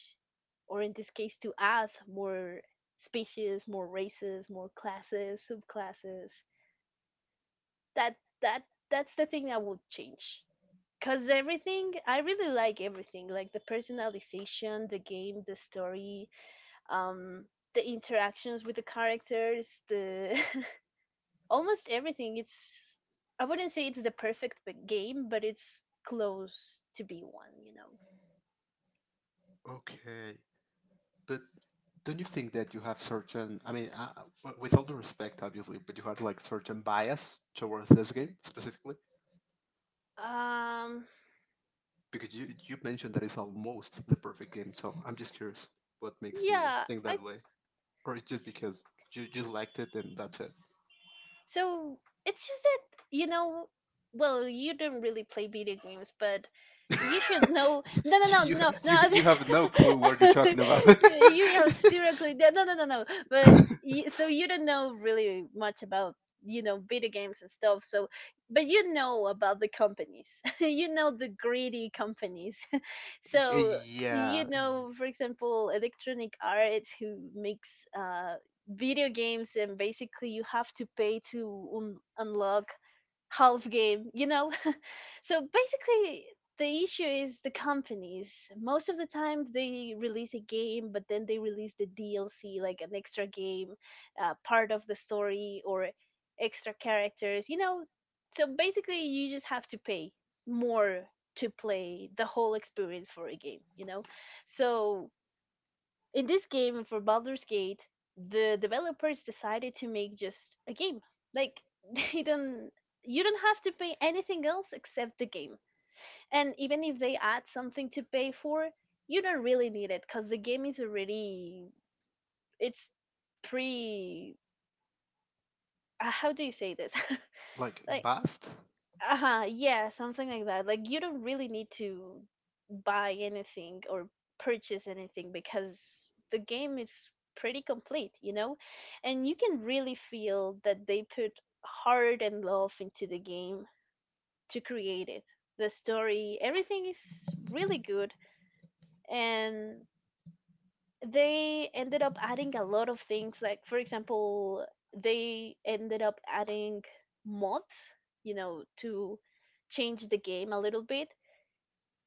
[SPEAKER 1] or in this case, to add more species, more races, more classes, subclasses. That that that's the thing I would change. Cause everything, I really like everything, like the personalization, the game, the story, um, the interactions with the characters, the (laughs) almost everything. It's, I wouldn't say it's the game, but it's close to be one, you know.
[SPEAKER 2] Okay. But don't you think that you have certain, I mean, with all the respect obviously, but you have like certain bias towards this game specifically,
[SPEAKER 1] Um,
[SPEAKER 2] because you mentioned that it's almost the perfect game, so I'm just curious what makes you
[SPEAKER 1] yeah,
[SPEAKER 2] think
[SPEAKER 1] I...
[SPEAKER 2] that way, or it's just because you just liked it and that's it.
[SPEAKER 1] So it's just that you know, well, you don't really play video games, but you should
[SPEAKER 2] (laughs)
[SPEAKER 1] know. No, no,
[SPEAKER 2] you,
[SPEAKER 1] no,
[SPEAKER 2] you
[SPEAKER 1] no,
[SPEAKER 2] you have no clue what you're
[SPEAKER 1] no.
[SPEAKER 2] talking about.
[SPEAKER 1] (laughs) You have seriously.
[SPEAKER 2] (laughs)
[SPEAKER 1] No, no, no, no, no. But
[SPEAKER 2] (laughs)
[SPEAKER 1] you, so you don't know really much about, you know, video games and stuff. So, but you know about the companies. (laughs) You know the greedy companies. So you
[SPEAKER 2] yeah,
[SPEAKER 1] know, for example, Electronic Arts, who makes uh video games, and basically you have to pay to unlock half game, you know. (laughs) So basically the issue is the companies. Most of the time they release a game but then they release the DLC, like an extra game, part of the story, or extra characters, you know. So basically you just have to pay more to play the whole experience for a game, you know? So in this game for Baldur's Gate, the developers decided to make just a game. Like (laughs) they don't... you don't have to pay anything else except the game. And even if they add something to pay for, you don't really need it cuz the game is already it's pre... how do you say this?
[SPEAKER 2] like
[SPEAKER 1] (laughs) like
[SPEAKER 2] bust.
[SPEAKER 1] uh-huh, yeah, something like that. Like, you don't really need to buy anything or purchase anything because the game is pretty complete, you know, and you can really feel that they put heart and love into the game to create it. The story, everything is really good. And they ended up adding a lot of things. Like, for example, they ended up adding mods, you know, to change the game a little bit.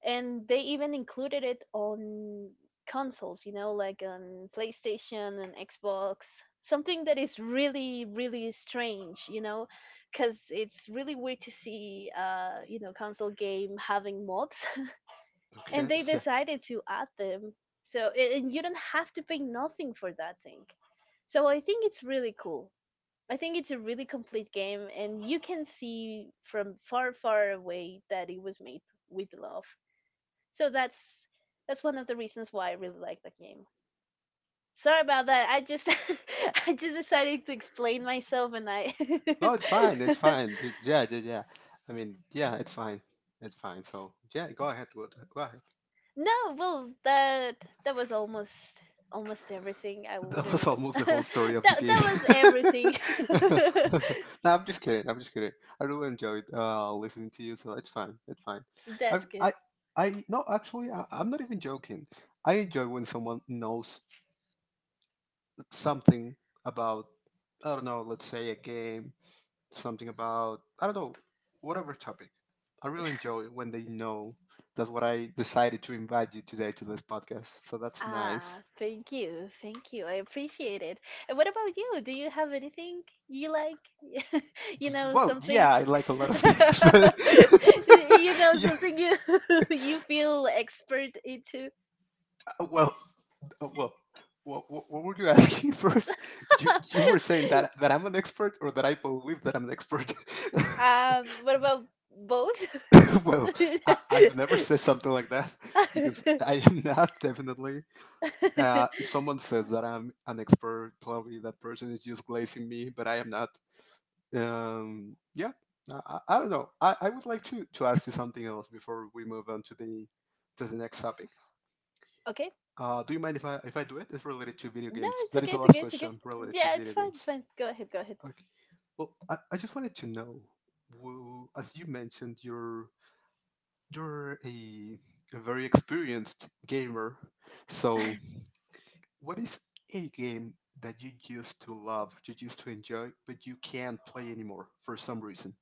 [SPEAKER 1] And they even included it on consoles, you know, like on PlayStation and Xbox. Something that is really, really strange, you know, cuz it's really weird to see you know, console game having mods. (laughs) And
[SPEAKER 2] Okay,
[SPEAKER 1] they
[SPEAKER 2] (laughs) yeah.
[SPEAKER 1] decided to add them. So and you don't have to pay nothing for that thing. So I think it's really cool. I think it's a really complete game, and you can see from far, far away that it was made with love. So that's one of the reasons why I really like that game. Sorry about that. I just (laughs) I just decided to explain myself, and I
[SPEAKER 2] No, it's fine. It's
[SPEAKER 1] (laughs)
[SPEAKER 2] fine. Ju- Yeah, yeah, yeah. I mean, yeah, it's fine. It's fine. So yeah, go ahead. Go ahead.
[SPEAKER 1] No, well, that was almost almost everything. I
[SPEAKER 2] That was
[SPEAKER 1] wouldn't. (laughs)
[SPEAKER 2] almost the whole
[SPEAKER 1] that
[SPEAKER 2] story of the game.
[SPEAKER 1] that was everything. (laughs)
[SPEAKER 2] (laughs) no, I'm just kidding. I'm just kidding. I really enjoyed listening to you, so it's fine. It's fine. I,
[SPEAKER 1] That's good.
[SPEAKER 2] I, I. No, actually, I'm not even joking. I enjoy when someone knows something about. I don't know. Let's say a game, something about, I don't know, whatever topic. I really enjoy when they know that's what I decided to invite you today to this podcast. So that's
[SPEAKER 1] Ah,
[SPEAKER 2] nice.
[SPEAKER 1] thank you, thank you. I appreciate it. And what about you? Do you have anything you like? (laughs) You
[SPEAKER 2] Y-
[SPEAKER 1] know,
[SPEAKER 2] Well,
[SPEAKER 1] something.
[SPEAKER 2] yeah, I like a lot of (laughs) things, but
[SPEAKER 1] (laughs) You
[SPEAKER 2] (laughs)
[SPEAKER 1] know,
[SPEAKER 2] yeah,
[SPEAKER 1] something you (laughs) you feel expert into.
[SPEAKER 2] well, well, what were you asking (laughs) first?
[SPEAKER 1] (laughs)
[SPEAKER 2] You were saying that I'm an expert, or that I believe that I'm an expert. (laughs)
[SPEAKER 1] What about both?
[SPEAKER 2] (laughs) well, I've never said something like that because I am not, definitely.
[SPEAKER 1] (laughs) (laughs)
[SPEAKER 2] If someone says that I'm an expert, probably that person is just glazing me, but I am not. Yeah, I don't know. I would like to ask you something else before we move on to the next topic.
[SPEAKER 1] Okay.
[SPEAKER 2] Do you mind if I do it? It's related to video
[SPEAKER 1] No,
[SPEAKER 2] games.
[SPEAKER 1] it's
[SPEAKER 2] That is
[SPEAKER 1] okay,
[SPEAKER 2] the
[SPEAKER 1] it's okay,
[SPEAKER 2] last
[SPEAKER 1] it's okay.
[SPEAKER 2] question related to
[SPEAKER 1] Yeah, it's
[SPEAKER 2] video
[SPEAKER 1] fine, it's
[SPEAKER 2] games.
[SPEAKER 1] fine. Go ahead, go ahead.
[SPEAKER 2] Okay. Well, I just wanted to know, w- as you mentioned, you're you're a, a very experienced gamer, so what is a game that you used to love, you used to enjoy, but you can't play anymore for some reason?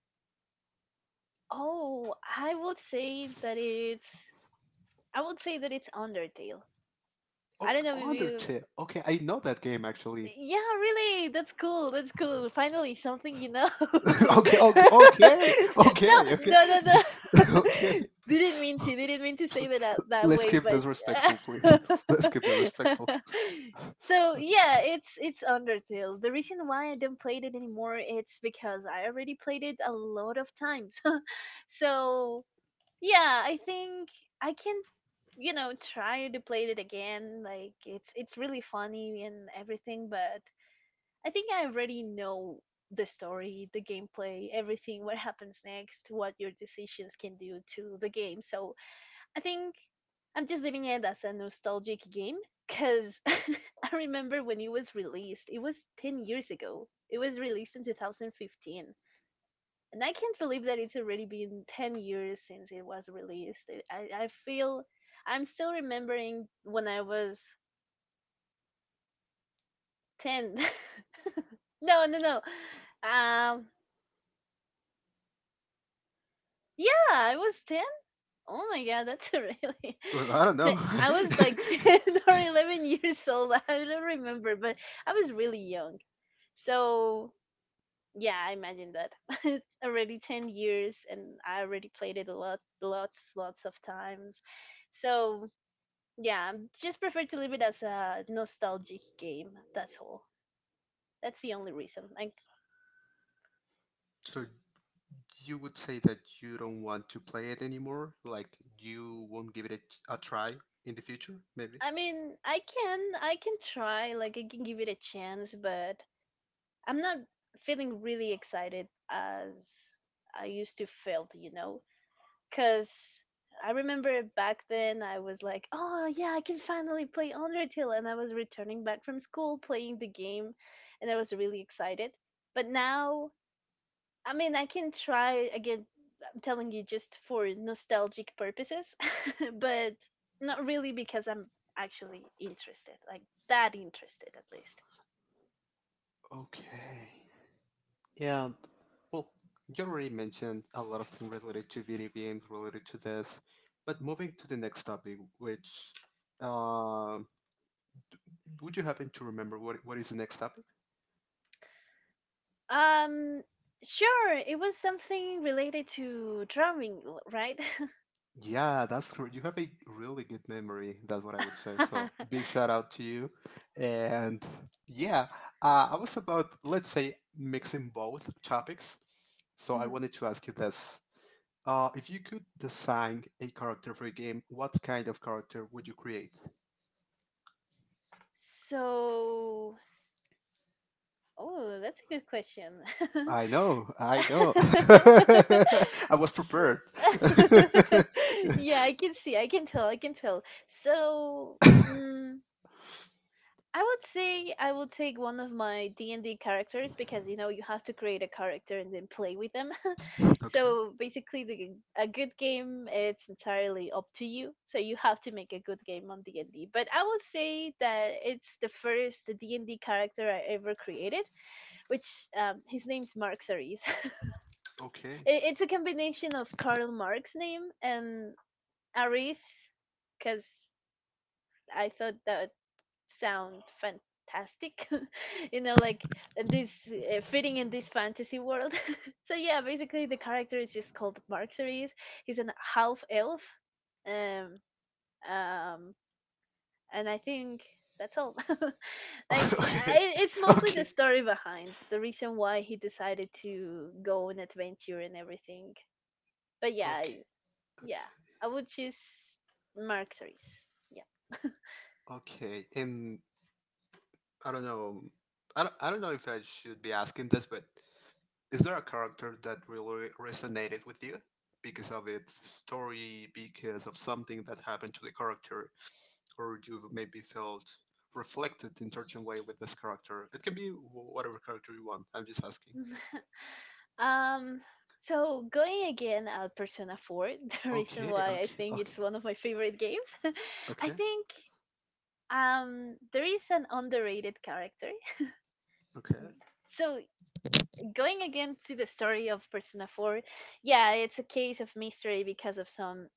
[SPEAKER 1] Oh, I would say that it's Undertale. I
[SPEAKER 2] Oh,
[SPEAKER 1] don't know if you
[SPEAKER 2] Undertale. Okay, I know that game actually.
[SPEAKER 1] Yeah, really. That's cool. That's cool. Finally, something you know. (laughs)
[SPEAKER 2] (laughs)
[SPEAKER 1] No,
[SPEAKER 2] okay, okay, okay, okay,
[SPEAKER 1] no,
[SPEAKER 2] okay,
[SPEAKER 1] no, no.
[SPEAKER 2] (laughs) okay.
[SPEAKER 1] (laughs) Didn't mean to. Didn't mean to say that that
[SPEAKER 2] Let's
[SPEAKER 1] way,
[SPEAKER 2] keep
[SPEAKER 1] but
[SPEAKER 2] this respectful, please. (laughs) Let's keep the
[SPEAKER 1] (laughs)
[SPEAKER 2] respectful. (laughs)
[SPEAKER 1] so,
[SPEAKER 2] Okay.
[SPEAKER 1] yeah, it's Undertale. The reason why I don't play it anymore it's because I already played it a lot of times. (laughs) So, yeah, I think I can, you know, try to play it again. Like, it's really funny and everything, but I think I already know the story, the gameplay, everything, what happens next, what your decisions can do to the game. So I think I'm just leaving it as a nostalgic game because (laughs) I remember when it was released, it was 10 years ago. It was released in 2015, and I can't believe that it's already been 10 years since it was released. I feel I'm still remembering when I was 10. (laughs) No, no, no. Um, yeah, I was 10. Oh my god, that's a really.
[SPEAKER 2] Well, I don't
[SPEAKER 1] (laughs) Te-
[SPEAKER 2] know.
[SPEAKER 1] I was like (laughs) 10 or 11 years old. (laughs) I don't remember, but I was really young. So, yeah, I imagine that. (laughs) It's already 10 years and I already played it a lot, lots, lots of times. So, yeah, just prefer to leave it as a nostalgic game. That's all. That's the only reason. Like,
[SPEAKER 2] (laughs) so you would say that you don't want to play it anymore? Like you won't give it a try in the future, maybe?
[SPEAKER 1] I mean, I can try. Like, I can give it a chance, but I'm not feeling really excited as I used to feel. You know, because I remember back then I was like, oh yeah, I can finally play Undertale, and I was returning back from school playing the game, and I was really excited. But now I mean, I can try again. I'm telling you just for nostalgic purposes, (laughs) but not really because I'm actually interested, like that interested at least.
[SPEAKER 2] Okay. Yeah, well, you already mentioned a lot of things related to video games, related to this, but moving to the next topic, which uh, would you happen to remember what is the next topic?
[SPEAKER 1] Um, sure, it was something related to drumming, right? (laughs)
[SPEAKER 2] Yeah, that's correct. You have a really good memory. That's what I would say. So big shout out to you. And yeah, I was about let's say mixing both topics. So I
[SPEAKER 1] Mhm.
[SPEAKER 2] wanted to ask you this: if you could design a character for a game, what kind of character would you create?
[SPEAKER 1] So, oh, that's a good question. (laughs)
[SPEAKER 2] I know,
[SPEAKER 1] (laughs)
[SPEAKER 2] I
[SPEAKER 1] S-
[SPEAKER 2] know. (laughs) I was prepared. (laughs)
[SPEAKER 1] (laughs) Yeah, I can see. I can tell. I can tell. So, mm, I would say I will take one of my D&D characters because you know you have to create a character and then play with them. (laughs)
[SPEAKER 2] okay,
[SPEAKER 1] So basically, a good game, it's entirely up to you. So you have to make a good game on D&D. But I will say that it's the first D&D character I ever created, which his name's Mark Cerise. (laughs)
[SPEAKER 2] okay,
[SPEAKER 1] It's a combination of Karl Marx's name and Aris, because I thought that would sound fantastic, (laughs) you know, like this fitting in this fantasy world. (laughs) So yeah, basically the character is just called Marx Aris. He's an half elf, um, um, and I think that's all. (laughs) Like,
[SPEAKER 2] (laughs) okay,
[SPEAKER 1] I, it's mostly the
[SPEAKER 2] okay,
[SPEAKER 1] story behind the reason why he decided to go on adventure and everything, but yeah.
[SPEAKER 2] okay, okay,
[SPEAKER 1] Yeah, I would choose Mark Series. Yeah.
[SPEAKER 2] okay. And I don't know, I don't know if I should be asking this, but is there a character that really resonated with you because of its story, because of something that happened to the character, or you maybe felt reflected in certain way with this character? It can be wh- whatever character you want. I'm just asking.
[SPEAKER 1] (laughs) um so going again at Persona 4. (laughs) The reason
[SPEAKER 2] Okay,
[SPEAKER 1] why I
[SPEAKER 2] okay,
[SPEAKER 1] think
[SPEAKER 2] okay,
[SPEAKER 1] it's one of my favorite games, (laughs) I
[SPEAKER 2] okay,
[SPEAKER 1] think there is an underrated character. (laughs)
[SPEAKER 2] okay,
[SPEAKER 1] So going again to the story of Persona 4, yeah, it's a case of mystery because of some,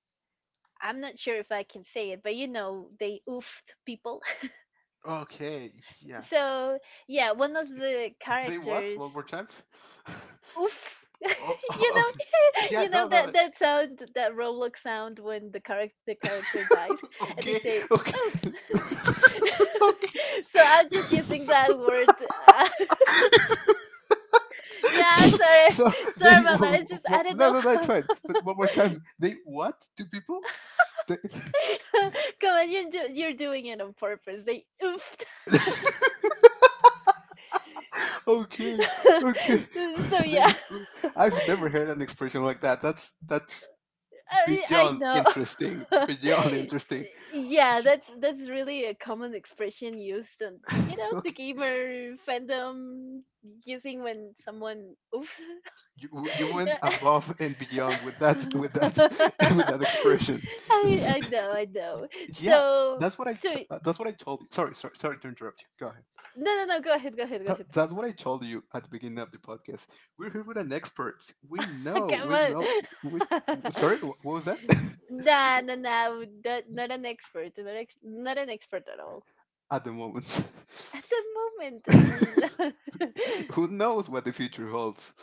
[SPEAKER 1] I'm not sure if I can say it, but you know, they oofed people.
[SPEAKER 2] okay.
[SPEAKER 1] (laughs)
[SPEAKER 2] Yeah,
[SPEAKER 1] So yeah, one of the
[SPEAKER 2] (laughs) they what? One
[SPEAKER 1] characters
[SPEAKER 2] more time?
[SPEAKER 1] Oof. (laughs)
[SPEAKER 2] (laughs) oh, oh,
[SPEAKER 1] You know,
[SPEAKER 2] okay.
[SPEAKER 1] (laughs)
[SPEAKER 2] Yeah,
[SPEAKER 1] you
[SPEAKER 2] no,
[SPEAKER 1] know
[SPEAKER 2] no, no.
[SPEAKER 1] that that sound, that Roblox sound when the character dies,
[SPEAKER 2] (laughs)
[SPEAKER 1] and they
[SPEAKER 2] okay,
[SPEAKER 1] say
[SPEAKER 2] okay,
[SPEAKER 1] oof.
[SPEAKER 2] (laughs)
[SPEAKER 1] (laughs)
[SPEAKER 2] okay.
[SPEAKER 1] So I'm just using that word. (laughs) Yeah,
[SPEAKER 2] (laughs)
[SPEAKER 1] sorry,
[SPEAKER 2] so
[SPEAKER 1] (laughs) sorry
[SPEAKER 2] they w-
[SPEAKER 1] about that.
[SPEAKER 2] w-
[SPEAKER 1] It's just
[SPEAKER 2] w-
[SPEAKER 1] I don't
[SPEAKER 2] no,
[SPEAKER 1] know
[SPEAKER 2] no, no. It's
[SPEAKER 1] how.
[SPEAKER 2] fine. But one more time, they what? Two people? They,
[SPEAKER 1] (laughs) Come on, you're doing it on purpose. They
[SPEAKER 2] (laughs) okay, okay.
[SPEAKER 1] oofed. (laughs) So
[SPEAKER 2] (laughs) they,
[SPEAKER 1] yeah. (laughs)
[SPEAKER 2] I've never heard an expression like that. That's
[SPEAKER 1] I
[SPEAKER 2] beyond
[SPEAKER 1] know.
[SPEAKER 2] interesting, beyond
[SPEAKER 1] (laughs)
[SPEAKER 2] interesting.
[SPEAKER 1] Yeah,
[SPEAKER 2] You,
[SPEAKER 1] that's really a common expression used on, you know, the
[SPEAKER 2] okay,
[SPEAKER 1] gamer fandom, using when someone oops.
[SPEAKER 2] you
[SPEAKER 1] (laughs)
[SPEAKER 2] went
[SPEAKER 1] Yeah.
[SPEAKER 2] above and beyond
[SPEAKER 1] (laughs)
[SPEAKER 2] with that (laughs) with that expression.
[SPEAKER 1] I know, I know.
[SPEAKER 2] (laughs) yeah,
[SPEAKER 1] So
[SPEAKER 2] that's what I cho-
[SPEAKER 1] so
[SPEAKER 2] that's what I told you. Sorry, sorry, sorry to interrupt you. Go ahead.
[SPEAKER 1] no, go ahead, go ahead, go ahead.
[SPEAKER 2] That's what I told you at the beginning of the podcast. We're here with an expert. We
[SPEAKER 1] (laughs)
[SPEAKER 2] know,
[SPEAKER 1] Come
[SPEAKER 2] we
[SPEAKER 1] on.
[SPEAKER 2] know. With sorry, wha- what
[SPEAKER 1] (laughs)
[SPEAKER 2] was that? (laughs)
[SPEAKER 1] Nah, nah, nah. That, not an expert. Not an expert at all.
[SPEAKER 2] at the moment,
[SPEAKER 1] At the moment
[SPEAKER 2] (laughs) who knows what the future holds?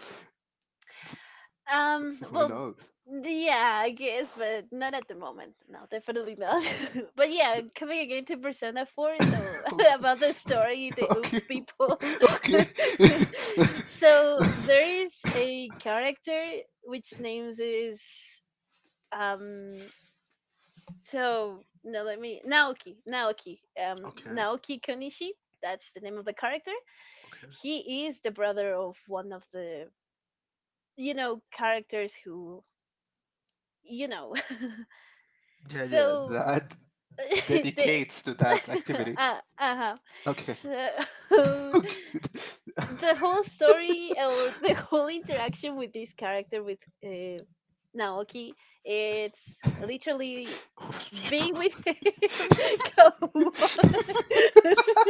[SPEAKER 1] (laughs)
[SPEAKER 2] Who
[SPEAKER 1] well,
[SPEAKER 2] knows?
[SPEAKER 1] yeah, I guess, but not at the moment, no, definitely not. (laughs) But yeah, coming again to Persona 4, so
[SPEAKER 2] (laughs)
[SPEAKER 1] (laughs)
[SPEAKER 2] okay,
[SPEAKER 1] about the story, the
[SPEAKER 2] (laughs) okay.
[SPEAKER 1] oofed people.
[SPEAKER 2] (laughs) okay.
[SPEAKER 1] (laughs)
[SPEAKER 2] (laughs)
[SPEAKER 1] So there is a character which names is um so no let me Naoki, Naoki,
[SPEAKER 2] okay.
[SPEAKER 1] Naoki Konishi. That's the name of the character.
[SPEAKER 2] Okay.
[SPEAKER 1] He is the brother of one of the, you know, characters who, you know, (laughs)
[SPEAKER 2] Yeah, yeah.
[SPEAKER 1] so
[SPEAKER 2] That
[SPEAKER 1] (laughs) the
[SPEAKER 2] dedicates to that
[SPEAKER 1] (laughs)
[SPEAKER 2] activity.
[SPEAKER 1] Uh, uh-huh.
[SPEAKER 2] Okay. (laughs)
[SPEAKER 1] So
[SPEAKER 2] Okay.
[SPEAKER 1] (laughs) the whole story or the (laughs) whole interaction with this character with uh, Naoki, it's literally
[SPEAKER 2] (laughs) Homeless people.
[SPEAKER 1] being with him. (laughs) Come on. (laughs)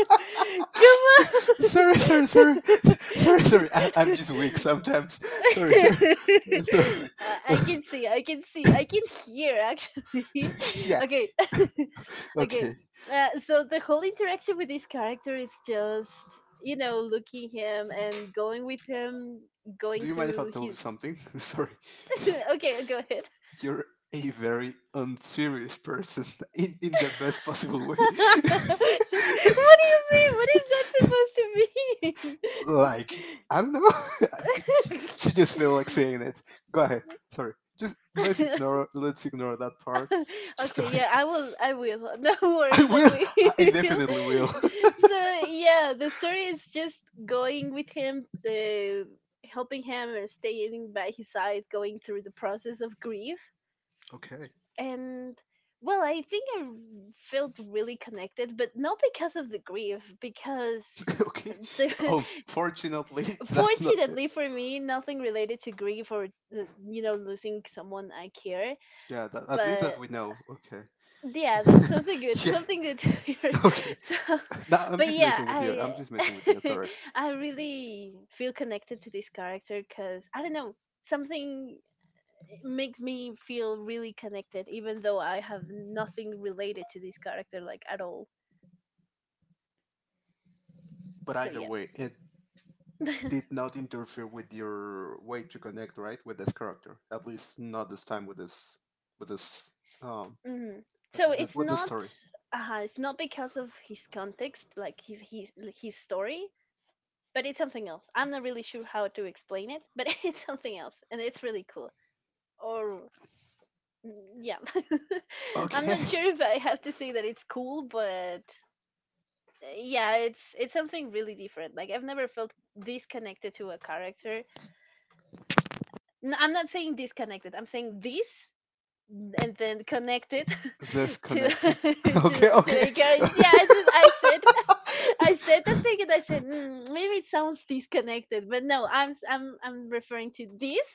[SPEAKER 1] Come
[SPEAKER 2] (laughs) sorry, sorry, sorry. (laughs) Sorry,
[SPEAKER 1] on.
[SPEAKER 2] sorry. I-
[SPEAKER 1] (laughs)
[SPEAKER 2] I'm just weak sometimes. Sorry, sorry.
[SPEAKER 1] (laughs) I
[SPEAKER 2] (laughs) Sorry.
[SPEAKER 1] I
[SPEAKER 2] (laughs)
[SPEAKER 1] can see, I can see, I can hear actually. (laughs)
[SPEAKER 2] yeah.
[SPEAKER 1] Okay, (laughs) okay.
[SPEAKER 2] Okay.
[SPEAKER 1] So the whole interaction with this character is just, you know, looking him and going with him,
[SPEAKER 2] Do
[SPEAKER 1] going
[SPEAKER 2] you mind if I
[SPEAKER 1] through
[SPEAKER 2] tell you
[SPEAKER 1] his.
[SPEAKER 2] something? (laughs) sorry.
[SPEAKER 1] (laughs) Okay, go ahead.
[SPEAKER 2] You're a very unserious person (laughs) in the best
[SPEAKER 1] (laughs)
[SPEAKER 2] possible way.
[SPEAKER 1] What do you mean? What is that
[SPEAKER 2] (laughs) like, I don't know.
[SPEAKER 1] supposed to
[SPEAKER 2] (laughs) she just feel like
[SPEAKER 1] mean?
[SPEAKER 2] saying it. Go ahead. Sorry. Just
[SPEAKER 1] (laughs) (laughs)
[SPEAKER 2] let's ignore that part.
[SPEAKER 1] (laughs)
[SPEAKER 2] Just go
[SPEAKER 1] Okay,
[SPEAKER 2] ahead.
[SPEAKER 1] yeah, I will. I will. (laughs) No
[SPEAKER 2] (laughs) I
[SPEAKER 1] worries, I
[SPEAKER 2] will.
[SPEAKER 1] will.
[SPEAKER 2] I definitely
[SPEAKER 1] (laughs)
[SPEAKER 2] will. (laughs)
[SPEAKER 1] So, yeah, the story is just going with him, helping him and staying by his side, going through the process of grief.
[SPEAKER 2] Okay.
[SPEAKER 1] And, well, I think I felt really connected, but not because of the grief, because
[SPEAKER 2] (laughs) okay.
[SPEAKER 1] the (laughs)
[SPEAKER 2] Unfortunately, that's not.
[SPEAKER 1] fortunately for me, nothing related to grief or, you know, losing someone I care,
[SPEAKER 2] Yeah. That, at least
[SPEAKER 1] but
[SPEAKER 2] that we know. Okay.
[SPEAKER 1] yeah, that's
[SPEAKER 2] Yeah.
[SPEAKER 1] something good,
[SPEAKER 2] (laughs)
[SPEAKER 1] something good to
[SPEAKER 2] yeah. (laughs)
[SPEAKER 1] hear.
[SPEAKER 2] Okay.
[SPEAKER 1] (laughs) So,
[SPEAKER 2] No, I'm
[SPEAKER 1] but
[SPEAKER 2] just
[SPEAKER 1] yeah,
[SPEAKER 2] messing with you.
[SPEAKER 1] I
[SPEAKER 2] I'm just messing with you.
[SPEAKER 1] (laughs)
[SPEAKER 2] Sorry.
[SPEAKER 1] I really feel connected to this character because I don't know, something makes me feel really connected, even though I have nothing related to this character, like, at all.
[SPEAKER 2] But
[SPEAKER 1] So
[SPEAKER 2] either
[SPEAKER 1] yeah.
[SPEAKER 2] way, it did
[SPEAKER 1] (laughs)
[SPEAKER 2] not interfere with your way to connect, right, with this character. At least not this time with this with this um
[SPEAKER 1] Hmm. So
[SPEAKER 2] the, with the story.
[SPEAKER 1] it's not because of his context, like his his story, but it's something else. I'm not really sure how to explain it, but (laughs) it's something else and it's really cool. Or yeah, (laughs) I'm
[SPEAKER 2] Okay,
[SPEAKER 1] not sure if I have to say that it's cool, but yeah, it's something really different. Like, I've never felt this connected to a character. I'm not saying disconnected, I'm saying this and then connect it
[SPEAKER 2] (laughs) this
[SPEAKER 1] (laughs) to
[SPEAKER 2] connected. (laughs)
[SPEAKER 1] (laughs)
[SPEAKER 2] okay,
[SPEAKER 1] to
[SPEAKER 2] okay.
[SPEAKER 1] a
[SPEAKER 2] (laughs)
[SPEAKER 1] girl. Yeah, I just I said (laughs) I said that thing and I said maybe it sounds disconnected, but no, I'm referring to this,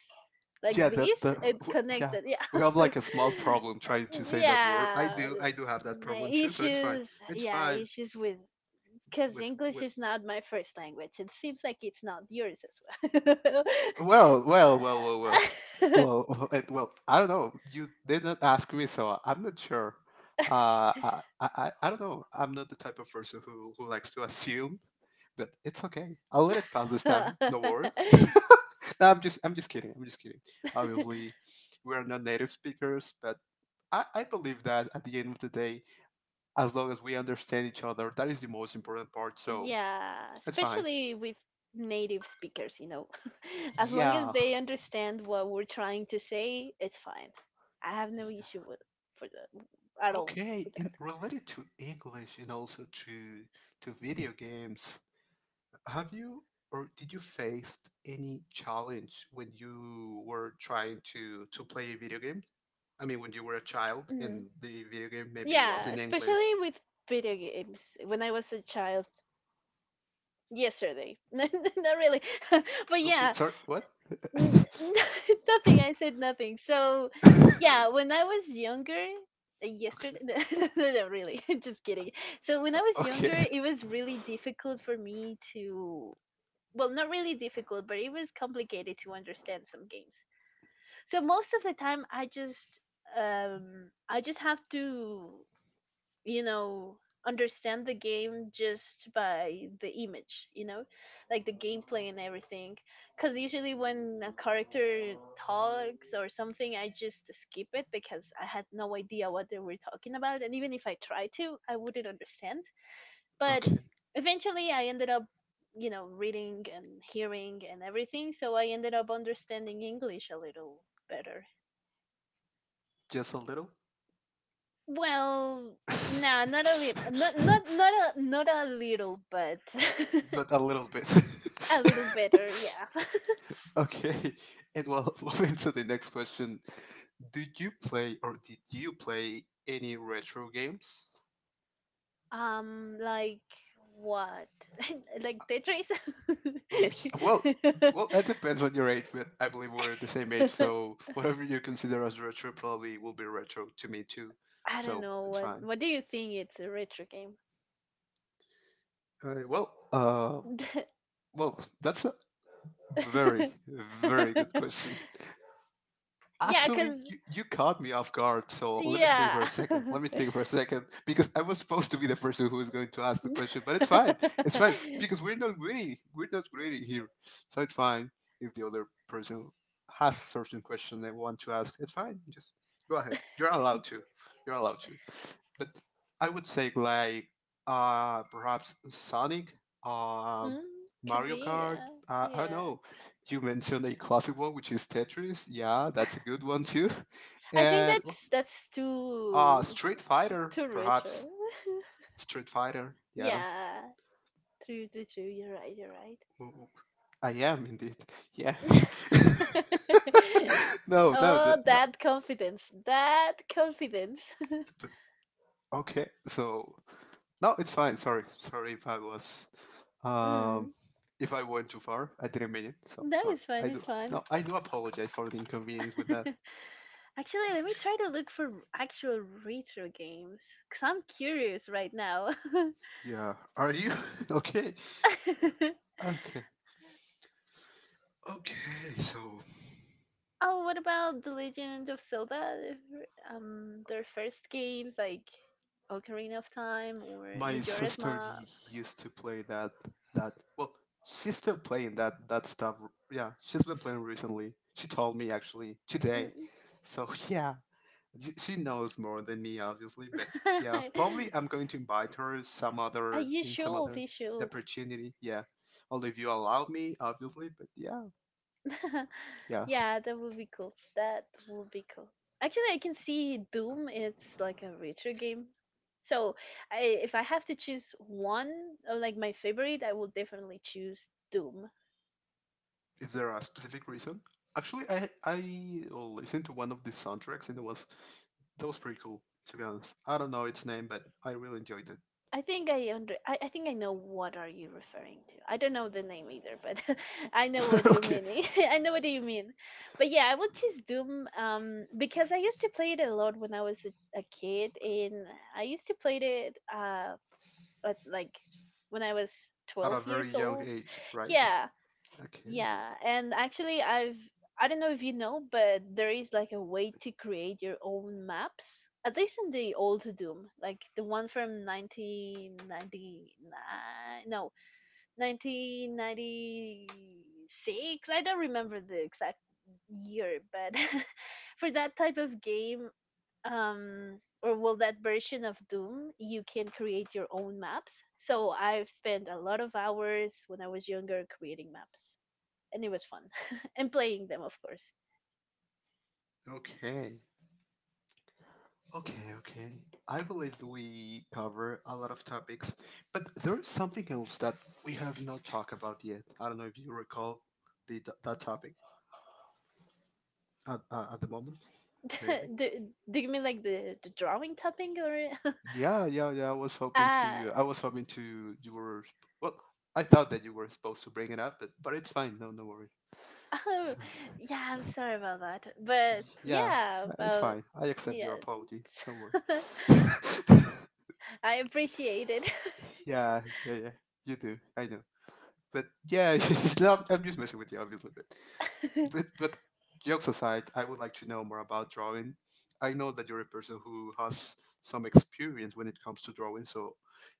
[SPEAKER 1] like,
[SPEAKER 2] yeah,
[SPEAKER 1] this
[SPEAKER 2] that the
[SPEAKER 1] and
[SPEAKER 2] w- yeah.
[SPEAKER 1] connected.
[SPEAKER 2] We
[SPEAKER 1] Yeah,
[SPEAKER 2] have like a small problem trying to
[SPEAKER 1] (laughs)
[SPEAKER 2] say that word.
[SPEAKER 1] yeah,
[SPEAKER 2] I do have that
[SPEAKER 1] my
[SPEAKER 2] problem too. So it's fine.
[SPEAKER 1] issues.
[SPEAKER 2] It's
[SPEAKER 1] Yeah,
[SPEAKER 2] fine
[SPEAKER 1] issues with. Because
[SPEAKER 2] with
[SPEAKER 1] English is not my first language. It seems like it's not yours as
[SPEAKER 2] well, it- well. I don't know. You did not ask me, so I'm not sure. I don't know. I'm not the type of person who likes to assume, but it's okay. I'll let it pass this
[SPEAKER 1] well.
[SPEAKER 2] time. No worries. (laughs) no, I'm just kidding. I'm just kidding.
[SPEAKER 1] (laughs) (laughs)
[SPEAKER 2] Obviously, we're not native speakers, but I believe that at the end of the day, as long as we understand each other, that is the most important part. So
[SPEAKER 1] Yeah,
[SPEAKER 2] that's fine.
[SPEAKER 1] especially with native speakers, you know. (laughs) As long as
[SPEAKER 2] Yeah.
[SPEAKER 1] they understand what we're trying to say, it's fine. I have
[SPEAKER 2] Yeah.
[SPEAKER 1] no issue with for that at all
[SPEAKER 2] Okay,
[SPEAKER 1] with
[SPEAKER 2] and
[SPEAKER 1] that.
[SPEAKER 2] related to English and also to video games, have you or did you face any challenge when you were trying to play a video game? I mean, when you were a child
[SPEAKER 1] Mm.
[SPEAKER 2] and the video game maybe was
[SPEAKER 1] Yeah,
[SPEAKER 2] in English.
[SPEAKER 1] especially with video games. When I was a child, yesterday, (laughs) not really, (laughs) but
[SPEAKER 2] Oh, oh,
[SPEAKER 1] yeah,
[SPEAKER 2] sorry, what?
[SPEAKER 1] N-
[SPEAKER 2] (laughs)
[SPEAKER 1] (laughs) nothing. I said nothing. So, yeah, when I was younger, yesterday,
[SPEAKER 2] Okay,
[SPEAKER 1] (laughs) no, no, no, really, (laughs) just kidding. So, when I was
[SPEAKER 2] okay,
[SPEAKER 1] younger, it was really difficult for me to, well, not really difficult, but it was complicated to understand some games. So, most of the time, I just have to, you know, understand the game just by the image, you know, like the gameplay and everything, because usually when a character talks or something, I just skip it because I had no idea what they were talking about, and even if I tried to, I wouldn't understand. But
[SPEAKER 2] okay.
[SPEAKER 1] eventually I ended up, you know, reading and hearing and everything, so I ended up understanding English a little better.
[SPEAKER 2] Just a little,
[SPEAKER 1] Well, no,
[SPEAKER 2] (laughs)
[SPEAKER 1] not a little, not a little, but (laughs)
[SPEAKER 2] but a little bit.
[SPEAKER 1] a little better, yeah.
[SPEAKER 2] (laughs)
[SPEAKER 1] (laughs)
[SPEAKER 2] Okay, (laughs) and (laughs) moving to the next question. Do you play or did you play any retro games?
[SPEAKER 1] Like what? (laughs) Like Tetris?
[SPEAKER 2] Um, Well, well, it
[SPEAKER 1] (laughs)
[SPEAKER 2] depends on your age, but I believe we're the same age, so (laughs) whatever you consider as retro probably will be retro to me too.
[SPEAKER 1] I don't
[SPEAKER 2] So
[SPEAKER 1] know
[SPEAKER 2] it's
[SPEAKER 1] what.
[SPEAKER 2] fine.
[SPEAKER 1] What do you think? It's a retro game.
[SPEAKER 2] Uh, well, uh, well, that's a very,
[SPEAKER 1] (laughs)
[SPEAKER 2] very good question.
[SPEAKER 1] Yeah,
[SPEAKER 2] Actually,
[SPEAKER 1] cause
[SPEAKER 2] you caught me off guard, so let me think for a
[SPEAKER 1] yeah.
[SPEAKER 2] second. Let me think for a second, because I was supposed to be the person who was going to ask the question, but it's fine. It's fine,
[SPEAKER 1] (laughs)
[SPEAKER 2] because
[SPEAKER 1] (laughs)
[SPEAKER 2] we're not greedy. We're not greedy here. So it's fine if the other person has certain question they want to ask. It's fine. Just go ahead. You're allowed to. You're allowed to. But I would say, like, perhaps Sonic, uh,
[SPEAKER 1] Mm, could
[SPEAKER 2] Mario
[SPEAKER 1] be,
[SPEAKER 2] Kart,
[SPEAKER 1] yeah,
[SPEAKER 2] I don't
[SPEAKER 1] yeah.
[SPEAKER 2] know, you mentioned a classic one, which is Tetris. Yeah, that's a good one too. (laughs)
[SPEAKER 1] I think
[SPEAKER 2] And well,
[SPEAKER 1] that's too
[SPEAKER 2] Street Fighter,
[SPEAKER 1] too
[SPEAKER 2] perhaps.
[SPEAKER 1] retro. (laughs)
[SPEAKER 2] Street Fighter. Yeah,
[SPEAKER 1] Yeah, true. You're right. You're right.
[SPEAKER 2] W- w- I am indeed. Yeah. (laughs)
[SPEAKER 1] (laughs)
[SPEAKER 2] no, no,
[SPEAKER 1] Oh,
[SPEAKER 2] th- that,
[SPEAKER 1] that confidence. That confidence. (laughs)
[SPEAKER 2] but okay. So no, it's fine. Sorry if I was, um,
[SPEAKER 1] Mm.
[SPEAKER 2] if I went too far. I didn't mean it. So
[SPEAKER 1] That
[SPEAKER 2] sorry.
[SPEAKER 1] is it's
[SPEAKER 2] I
[SPEAKER 1] fun.
[SPEAKER 2] do.
[SPEAKER 1] It's fun.
[SPEAKER 2] No, I do apologize for the inconvenience with that.
[SPEAKER 1] (laughs) Actually, let me try to look for actual retro games because I'm curious right now.
[SPEAKER 2] Yeah. Are you (laughs) okay?
[SPEAKER 1] (laughs)
[SPEAKER 2] Okay. Okay, so
[SPEAKER 1] Oh, what about The Legend of Zelda? Their first games like Ocarina of Time or
[SPEAKER 2] my
[SPEAKER 1] Majora's
[SPEAKER 2] sister
[SPEAKER 1] Mask.
[SPEAKER 2] used to play that, well, she's still playing that stuff. Yeah, she's been playing recently. She told me actually today.
[SPEAKER 1] Mm.
[SPEAKER 2] So (laughs) yeah, she knows more than me obviously, but yeah, probably
[SPEAKER 1] (laughs)
[SPEAKER 2] I'm going to invite her
[SPEAKER 1] Uh, you
[SPEAKER 2] some
[SPEAKER 1] should,
[SPEAKER 2] other
[SPEAKER 1] you should.
[SPEAKER 2] opportunity. Yeah. Only if you allow me, obviously, but yeah.
[SPEAKER 1] (laughs)
[SPEAKER 2] Yeah.
[SPEAKER 1] Yeah, that would be cool. That would be cool. Actually, I can see Doom. It's like a retro game. So, if I have to choose one, or like my favorite, I will definitely choose Doom.
[SPEAKER 2] Is there a specific reason? Actually, I listened to one of the soundtracks and it was, that was pretty cool. To be honest, I don't know its name, but I really enjoyed
[SPEAKER 1] I think I know what are you referring to. I don't know the name either, but (laughs) I know
[SPEAKER 2] it.
[SPEAKER 1] what
[SPEAKER 2] (laughs)
[SPEAKER 1] you're
[SPEAKER 2] Okay,
[SPEAKER 1] meaning. (laughs) I know what you mean. But yeah, I would choose Doom because I used to play it a lot when I was a kid and I used to play it at, like when I was
[SPEAKER 2] at a
[SPEAKER 1] 12 years
[SPEAKER 2] very young
[SPEAKER 1] old.
[SPEAKER 2] age, right?
[SPEAKER 1] Yeah.
[SPEAKER 2] Okay,
[SPEAKER 1] Yeah, and actually, I don't know if you know, but there is like a way to create your own maps. At least in the old Doom, like the one from 1999, no, 1996. I don't remember the exact year, but (laughs) for that type of game, or well, that version of Doom, you can create your own maps. So I've spent a lot of hours when I was younger creating maps and it was fun. (laughs) And playing them, of course.
[SPEAKER 2] okay, okay, okay. I believe we cover a lot of topics, but there is something else that we have not talked about yet. I don't know if you recall the that topic at the moment, maybe.
[SPEAKER 1] (laughs) do, do you mean like the drawing tapping or? (laughs)
[SPEAKER 2] Yeah, yeah, yeah. I was hoping
[SPEAKER 1] Ah,
[SPEAKER 2] to. I was hoping to. You were. Well, I thought that you were supposed to bring it up, but it's fine. No, no worry.
[SPEAKER 1] oh,
[SPEAKER 2] So,
[SPEAKER 1] yeah. I'm sorry about that, but
[SPEAKER 2] (laughs) yeah,
[SPEAKER 1] yeah,
[SPEAKER 2] it's
[SPEAKER 1] about
[SPEAKER 2] fine. I accept
[SPEAKER 1] yeah.
[SPEAKER 2] your apology. Don't worry.
[SPEAKER 1] (laughs)
[SPEAKER 2] (laughs)
[SPEAKER 1] I appreciate it.
[SPEAKER 2] yeah, yeah, yeah. You do. I know. But yeah, (laughs) no, I'm- just messing with you, obviously. But, but
[SPEAKER 1] (laughs)
[SPEAKER 2] but jokes aside, I would like to know more about drawing. I know that you're a person who has some experience when it comes to drawing. So,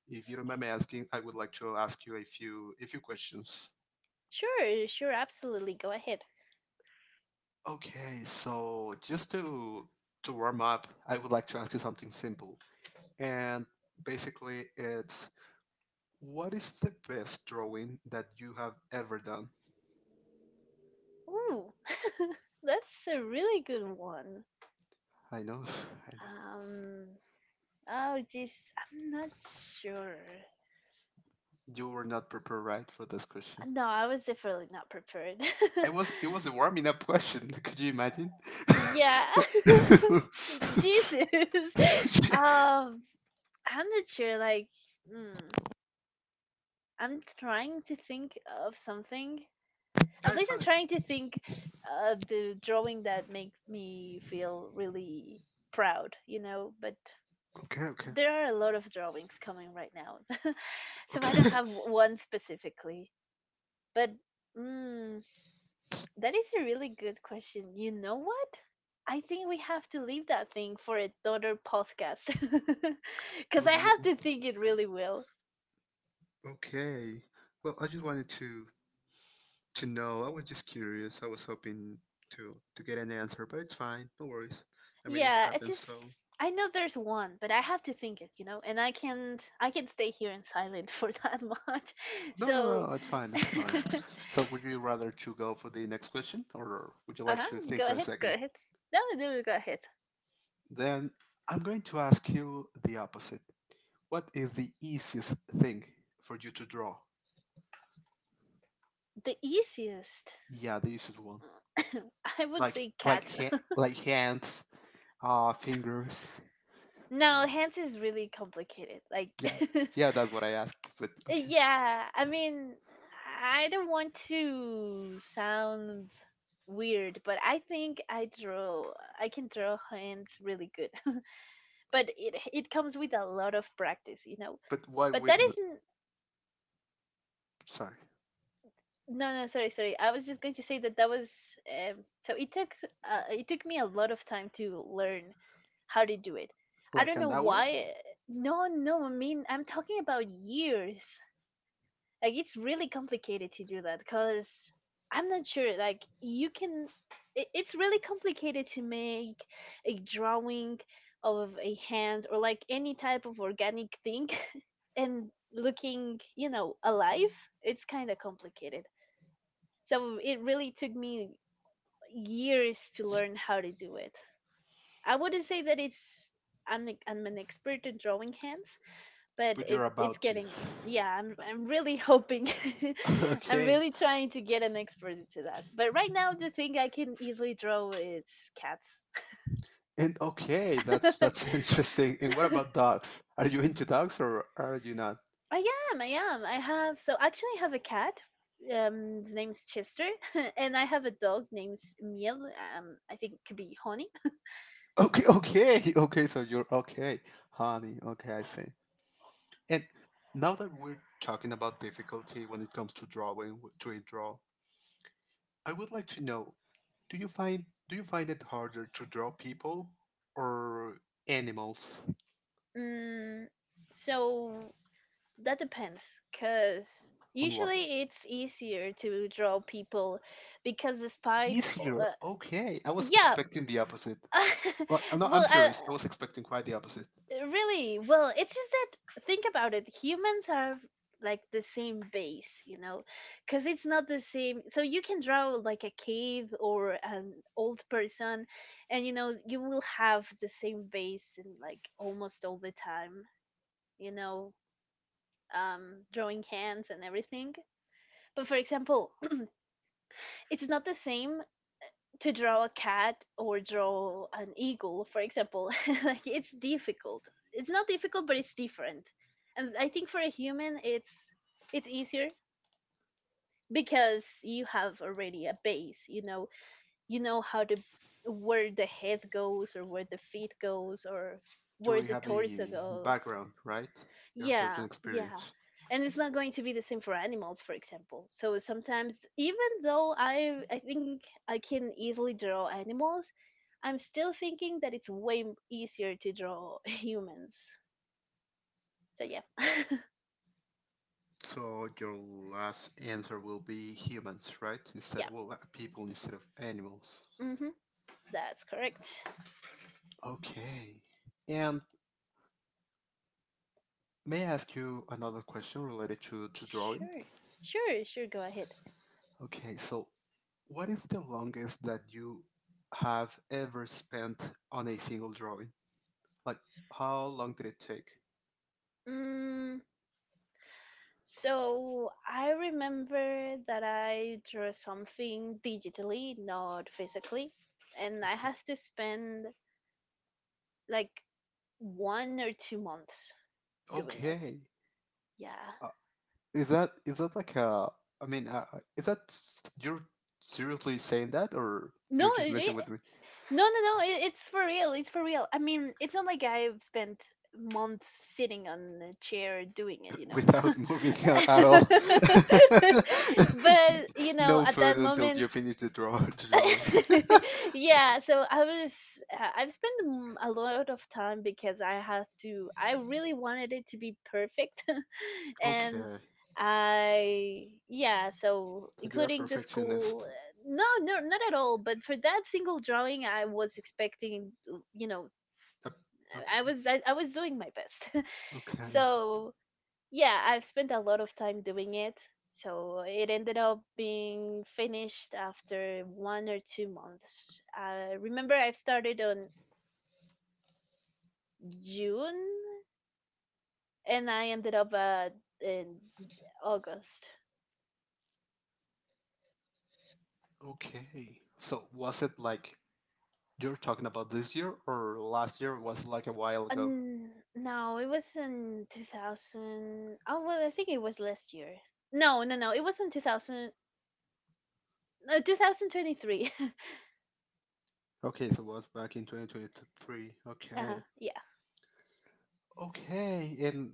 [SPEAKER 2] if you remember me asking, I would like to ask you a few questions.
[SPEAKER 1] Sure, sure, absolutely. Go ahead.
[SPEAKER 2] Okay, so just to warm up, I would like to ask you something simple. And basically it's what is the best drawing that you have ever done?
[SPEAKER 1] Ooh, (laughs) that's a really good one.
[SPEAKER 2] I know, (sighs) (laughs) I know.
[SPEAKER 1] Um, oh, jeez, I'm not sure.
[SPEAKER 2] You were not prepared right for this question.
[SPEAKER 1] No, I was definitely not prepared.
[SPEAKER 2] It was a warming up question. (laughs) Could you imagine?
[SPEAKER 1] (laughs) Yeah,
[SPEAKER 2] (laughs)
[SPEAKER 1] (laughs) Jesus. (laughs) Um, I'm not sure. Like, mm, I'm trying to think of something. At
[SPEAKER 2] That's
[SPEAKER 1] least
[SPEAKER 2] fine.
[SPEAKER 1] I'm trying to think the drawing that makes me feel really proud, you know, but
[SPEAKER 2] Okay, okay,
[SPEAKER 1] there are a lot of drawings coming right now. (laughs) So I
[SPEAKER 2] okay.
[SPEAKER 1] don't have one specifically. But mm, that is a really good question. You know what? I think we have to leave that thing for another podcast. (laughs)
[SPEAKER 2] (laughs)
[SPEAKER 1] Because
[SPEAKER 2] With
[SPEAKER 1] I
[SPEAKER 2] wha-
[SPEAKER 1] have to think it really well.
[SPEAKER 2] okay. Well, I just wanted to know. I was just curious. I was hoping to get an answer, but it's fine. No worries. I mean, it
[SPEAKER 1] Yeah, it's
[SPEAKER 2] happens.
[SPEAKER 1] just.
[SPEAKER 2] So
[SPEAKER 1] I know there's one, but I have to think it, you know, and I can't. I can stay here in silent (laughs) for that much. (laughs)
[SPEAKER 2] no, no,
[SPEAKER 1] So,
[SPEAKER 2] It's fine. It's fine.
[SPEAKER 1] (laughs)
[SPEAKER 2] So, would you rather to go for the next question, or would you
[SPEAKER 1] uh
[SPEAKER 2] like
[SPEAKER 1] huh.
[SPEAKER 2] to think
[SPEAKER 1] Go
[SPEAKER 2] for a
[SPEAKER 1] ahead. Go
[SPEAKER 2] second?
[SPEAKER 1] ahead. No, no, go ahead.
[SPEAKER 2] Then I'm going to ask you the opposite. What is the easiest thing for you to draw?
[SPEAKER 1] The easiest,
[SPEAKER 2] Yeah, the easiest one.
[SPEAKER 1] (coughs) I would
[SPEAKER 2] Like
[SPEAKER 1] say,
[SPEAKER 2] like
[SPEAKER 1] cat. (laughs)
[SPEAKER 2] ha- like hands, fingers.
[SPEAKER 1] No, hands is really complicated. Like,
[SPEAKER 2] Yeah,
[SPEAKER 1] (laughs)
[SPEAKER 2] yeah, that's what I asked. But okay.
[SPEAKER 1] Yeah, I mean, I don't want to sound weird, but I can draw hands really good. (laughs) But it comes with a lot of practice, you know.
[SPEAKER 2] But why
[SPEAKER 1] But that
[SPEAKER 2] with the-
[SPEAKER 1] isn't.
[SPEAKER 2] sorry,
[SPEAKER 1] No, no, sorry, sorry. I was just going to say that that was. Um, so it took it took me a lot of time to learn how to do it. I
[SPEAKER 2] like
[SPEAKER 1] don't know
[SPEAKER 2] an hour?
[SPEAKER 1] why. No, no. I mean, I'm talking about years. Like it's really complicated to do that because I'm not sure like you can it's really complicated to make a drawing of a hand or like any type of organic thing (laughs) and looking you know alive, it's kind of complicated, so it really took me years to learn how to do it. I wouldn't say that I'm an expert in drawing hands, but
[SPEAKER 2] But
[SPEAKER 1] it
[SPEAKER 2] you're
[SPEAKER 1] it's
[SPEAKER 2] about to.
[SPEAKER 1] getting us. Yeah, I'm really hoping. (laughs)
[SPEAKER 2] (laughs)
[SPEAKER 1] I'm
[SPEAKER 2] Okay.
[SPEAKER 1] really trying to get an expert into that. But right now the thing I can easily draw is cats.
[SPEAKER 2] And okay, that's (laughs)
[SPEAKER 1] (laughs)
[SPEAKER 2] interesting. And what about dogs? Are you into dogs or are you not?
[SPEAKER 1] I I am. I have so actually I have a cat. His name's Chester (laughs) and I have a dog named Miel. I think it could be Honey.
[SPEAKER 2] Okay, okay, (laughs) okay. So you're okay, honey. Okay, I see. And now that we're talking about difficulty when it comes to draw, I would like to know do you find it harder to draw people or animals
[SPEAKER 1] Mm, so that depends cuz
[SPEAKER 2] on what?
[SPEAKER 1] usually it's easier to draw people because despite
[SPEAKER 2] Easier. Okay. I was
[SPEAKER 1] yeah,
[SPEAKER 2] expecting the opposite.
[SPEAKER 1] (laughs)
[SPEAKER 2] Like no, I'm
[SPEAKER 1] well uh,
[SPEAKER 2] serious. I was expecting quite the opposite.
[SPEAKER 1] really well, it's just that think about it, humans are like the same base, you know, because it's not the same, so you can draw like a cave or an old person and you know you will have the same base and like almost all the time, you know, drawing hands and everything. But for example, it's not the same to draw a cat or draw an eagle, for example, (laughs) like it's difficult. It's not difficult, but it's different. And I think for a human, it's easier because you have already a base. You know how to where the head goes or where the feet goes or
[SPEAKER 2] You
[SPEAKER 1] where
[SPEAKER 2] already
[SPEAKER 1] the
[SPEAKER 2] have
[SPEAKER 1] torso
[SPEAKER 2] a
[SPEAKER 1] goes.
[SPEAKER 2] background, right? You have certain
[SPEAKER 1] Yeah, yeah.
[SPEAKER 2] experience.
[SPEAKER 1] And it's not going to be the same for animals, for example. So sometimes, even though I think I can easily draw animals, I'm still thinking that it's way m- easier to draw (laughs) humans. So yeah. (laughs)
[SPEAKER 2] So your last answer will be humans, right? Instead
[SPEAKER 1] Yeah.
[SPEAKER 2] of people instead of animals.
[SPEAKER 1] Mhm. That's correct.
[SPEAKER 2] Okay. And may I ask you another question related to drawing?
[SPEAKER 1] Sure. Sure, sure, go ahead.
[SPEAKER 2] Okay, so what is the longest that you have ever spent on a single drawing? Like, how long did it take?
[SPEAKER 1] Mm, so I remember that I drew something digitally, not physically, and I
[SPEAKER 2] Okay.
[SPEAKER 1] had to spend like 1 or 2 months doing it.
[SPEAKER 2] Okay.
[SPEAKER 1] Yeah.
[SPEAKER 2] Uh, is that like a? I mean, is that you're seriously saying that, or you're
[SPEAKER 1] No,
[SPEAKER 2] just
[SPEAKER 1] it's
[SPEAKER 2] messing
[SPEAKER 1] re-
[SPEAKER 2] with me
[SPEAKER 1] no, no. It, it's for real. It's for real. I mean, it's not like I've spent months sitting on a chair doing it, you
[SPEAKER 2] (laughs)
[SPEAKER 1] know.
[SPEAKER 2] without moving out at all?
[SPEAKER 1] (laughs) But you
[SPEAKER 2] (laughs)
[SPEAKER 1] know,
[SPEAKER 2] No
[SPEAKER 1] at
[SPEAKER 2] food
[SPEAKER 1] that
[SPEAKER 2] until
[SPEAKER 1] moment,
[SPEAKER 2] you finish the drawing.
[SPEAKER 1] (laughs) yeah. So I was. I've spent a lot of time because I have to. I really wanted it to be perfect. (laughs)
[SPEAKER 2] (laughs)
[SPEAKER 1] And
[SPEAKER 2] Okay.
[SPEAKER 1] I yeah, so
[SPEAKER 2] So you're a
[SPEAKER 1] including the
[SPEAKER 2] perfectionist.
[SPEAKER 1] school, no, no, not at all. But for that single drawing, I was expecting, you know,
[SPEAKER 2] Yep.
[SPEAKER 1] I
[SPEAKER 2] Okay.
[SPEAKER 1] I was I, I was doing my best. (laughs)
[SPEAKER 2] Okay.
[SPEAKER 1] So yeah, I've spent a lot of time doing it. So it ended up being finished after 1 or 2 months. I remember I have started on June and I ended up in August.
[SPEAKER 2] Okay. So was it like you're talking about this year or last year? Was like a while ago.
[SPEAKER 1] Um, no, it was in 2000. Oh, well, I think it was last year. No, no, no. It was in 2000. No, 2023. (laughs)
[SPEAKER 2] Okay. So it was back in 2023.
[SPEAKER 1] Uh,
[SPEAKER 2] Okay.
[SPEAKER 1] yeah.
[SPEAKER 2] Okay. And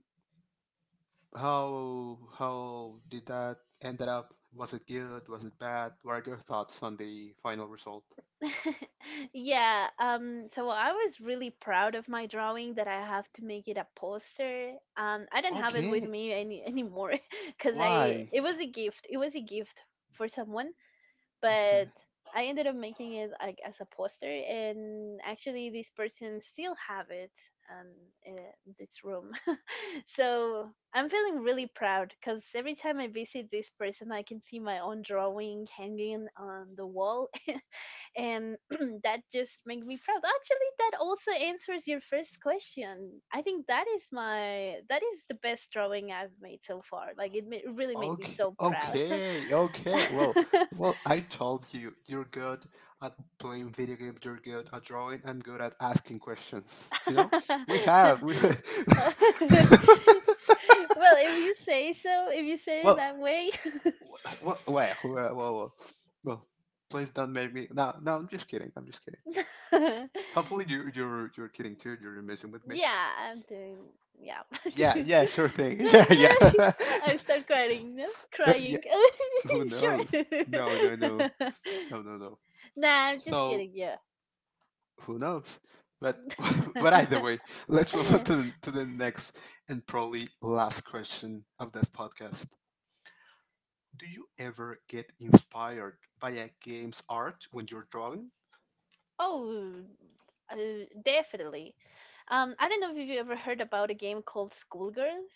[SPEAKER 2] how did that ended up? Was it good? Was it bad? What are your thoughts on the final result?
[SPEAKER 1] (laughs) Yeah. So I was really proud of my drawing that I have to make it a poster. I didn't have it with
[SPEAKER 2] Okay.
[SPEAKER 1] me any anymore (laughs) because I
[SPEAKER 2] Why?
[SPEAKER 1] it was a gift. It was a gift for someone
[SPEAKER 2] Okay.
[SPEAKER 1] but I ended up making it like as a poster, and actually this person still have it um, in this room. (laughs) So I'm feeling really proud because every time I visit this person, I can see my own drawing hanging on the wall, (laughs) and (clears throat) that just makes me proud. Actually, that also answers your first question. I think that is my that is the best drawing I've made so far. Like it really made me
[SPEAKER 2] Okay,
[SPEAKER 1] so proud.
[SPEAKER 2] okay, okay. Well,
[SPEAKER 1] (laughs)
[SPEAKER 2] well, I told you, you're good at playing video games, you're good at drawing, I'm good at asking questions. You know? We
[SPEAKER 1] (laughs) Well,
[SPEAKER 2] have, we (laughs)
[SPEAKER 1] if you say so, if you say it
[SPEAKER 2] Well,
[SPEAKER 1] that way,
[SPEAKER 2] well, well, well, well, well, well, please don't make me. No, no, I'm just kidding. I'm just kidding.
[SPEAKER 1] (laughs)
[SPEAKER 2] Hopefully you're kidding too. You're messing with me.
[SPEAKER 1] yeah, I'm doing, yeah.
[SPEAKER 2] Yeah,
[SPEAKER 1] (laughs)
[SPEAKER 2] yeah, sure thing. (laughs) Yeah,
[SPEAKER 1] I
[SPEAKER 2] yeah.
[SPEAKER 1] I start
[SPEAKER 2] (laughs)
[SPEAKER 1] crying, no?
[SPEAKER 2] Yeah,
[SPEAKER 1] Crying.
[SPEAKER 2] who
[SPEAKER 1] (laughs)
[SPEAKER 2] knows?
[SPEAKER 1] Sure.
[SPEAKER 2] No, no, no. No, no, no.
[SPEAKER 1] (laughs) Nah, I'm just
[SPEAKER 2] So,
[SPEAKER 1] kidding. Yeah.
[SPEAKER 2] who knows? But (laughs) but either
[SPEAKER 1] (laughs)
[SPEAKER 2] way, let's move on to the next and probably last question of this podcast. Do you ever get inspired by a game's art when you're drawing?
[SPEAKER 1] Oh, uh, definitely. I don't know if you ever heard about a game called Schoolgirls.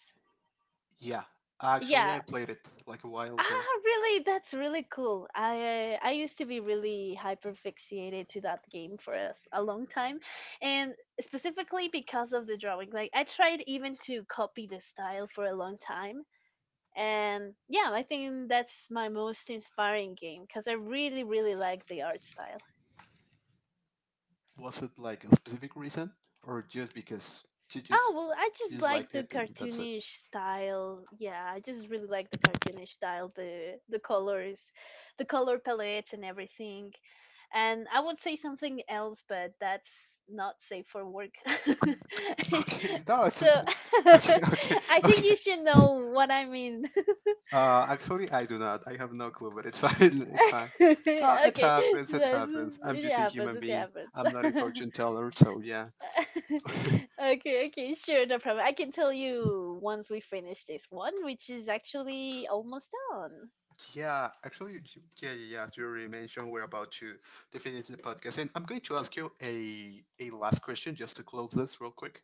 [SPEAKER 2] Yeah, actually, I
[SPEAKER 1] Yeah,
[SPEAKER 2] played it like a while ago.
[SPEAKER 1] ah, really? That's really cool. I used to be really hyperfixated to that game for a long time, and specifically because of the drawing. Like I tried even to copy the style for a long time, and yeah, I think that's my most inspiring game because I really really like the art style.
[SPEAKER 2] Was it like a specific reason, or just because you
[SPEAKER 1] Oh,
[SPEAKER 2] just
[SPEAKER 1] well, I
[SPEAKER 2] you
[SPEAKER 1] just
[SPEAKER 2] just
[SPEAKER 1] like
[SPEAKER 2] liked
[SPEAKER 1] the
[SPEAKER 2] it and that's it?
[SPEAKER 1] cartoonish style. Yeah, I just really like the cartoonish style, the colors, the color palettes and everything. And I would say something else, but that's not safe for work. (laughs)
[SPEAKER 2] (laughs) Okay, no, it's
[SPEAKER 1] So (laughs)
[SPEAKER 2] (laughs) okay, okay,
[SPEAKER 1] I think
[SPEAKER 2] okay.
[SPEAKER 1] you should know what I mean.
[SPEAKER 2] Actually, I do not. I have no clue, but it's (laughs) fine. It's fine.
[SPEAKER 1] (laughs)
[SPEAKER 2] No, it
[SPEAKER 1] Okay,
[SPEAKER 2] happens. It
[SPEAKER 1] that's-
[SPEAKER 2] happens. I'm
[SPEAKER 1] it
[SPEAKER 2] just a
[SPEAKER 1] happens.
[SPEAKER 2] human
[SPEAKER 1] It
[SPEAKER 2] being.
[SPEAKER 1] happens.
[SPEAKER 2] I'm not a
[SPEAKER 1] (laughs)
[SPEAKER 2] fortune teller, so yeah.
[SPEAKER 1] (laughs) Okay, okay, sure, no problem. I can tell you once we finish this one, which is actually almost done.
[SPEAKER 2] Yeah, actually, yeah, yeah, yeah. As you already mentioned we're about to finish the podcast, and I'm going to ask you a last question just to close this real quick.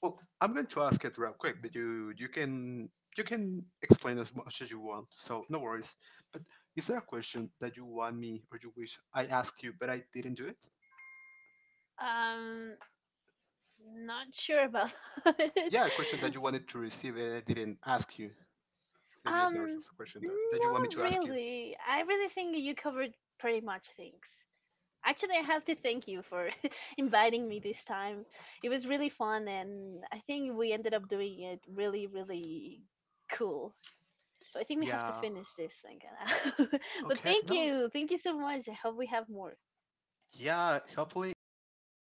[SPEAKER 2] Well, I'm going to ask it real quick, but you can explain as much as you want, so no worries. But is there a question that you want me or you wish I asked you, but I didn't do it?
[SPEAKER 1] Hmm. Not sure about (laughs) it.
[SPEAKER 2] Yeah, a question that you wanted to receive and I didn't ask you. Maybe there's
[SPEAKER 1] Um,
[SPEAKER 2] a question that you want me
[SPEAKER 1] not
[SPEAKER 2] to ask you.
[SPEAKER 1] really. I really think you covered pretty much things. Actually, I have to thank you for (laughs) inviting me this time. It was really fun, and I think we ended up doing it really, really cool. So I think we have to
[SPEAKER 2] Yeah.
[SPEAKER 1] finish this thing. (laughs) But
[SPEAKER 2] Okay.
[SPEAKER 1] thank
[SPEAKER 2] No.
[SPEAKER 1] you. Thank you so much. I hope we have more.
[SPEAKER 2] Yeah. Hopefully it'll happen.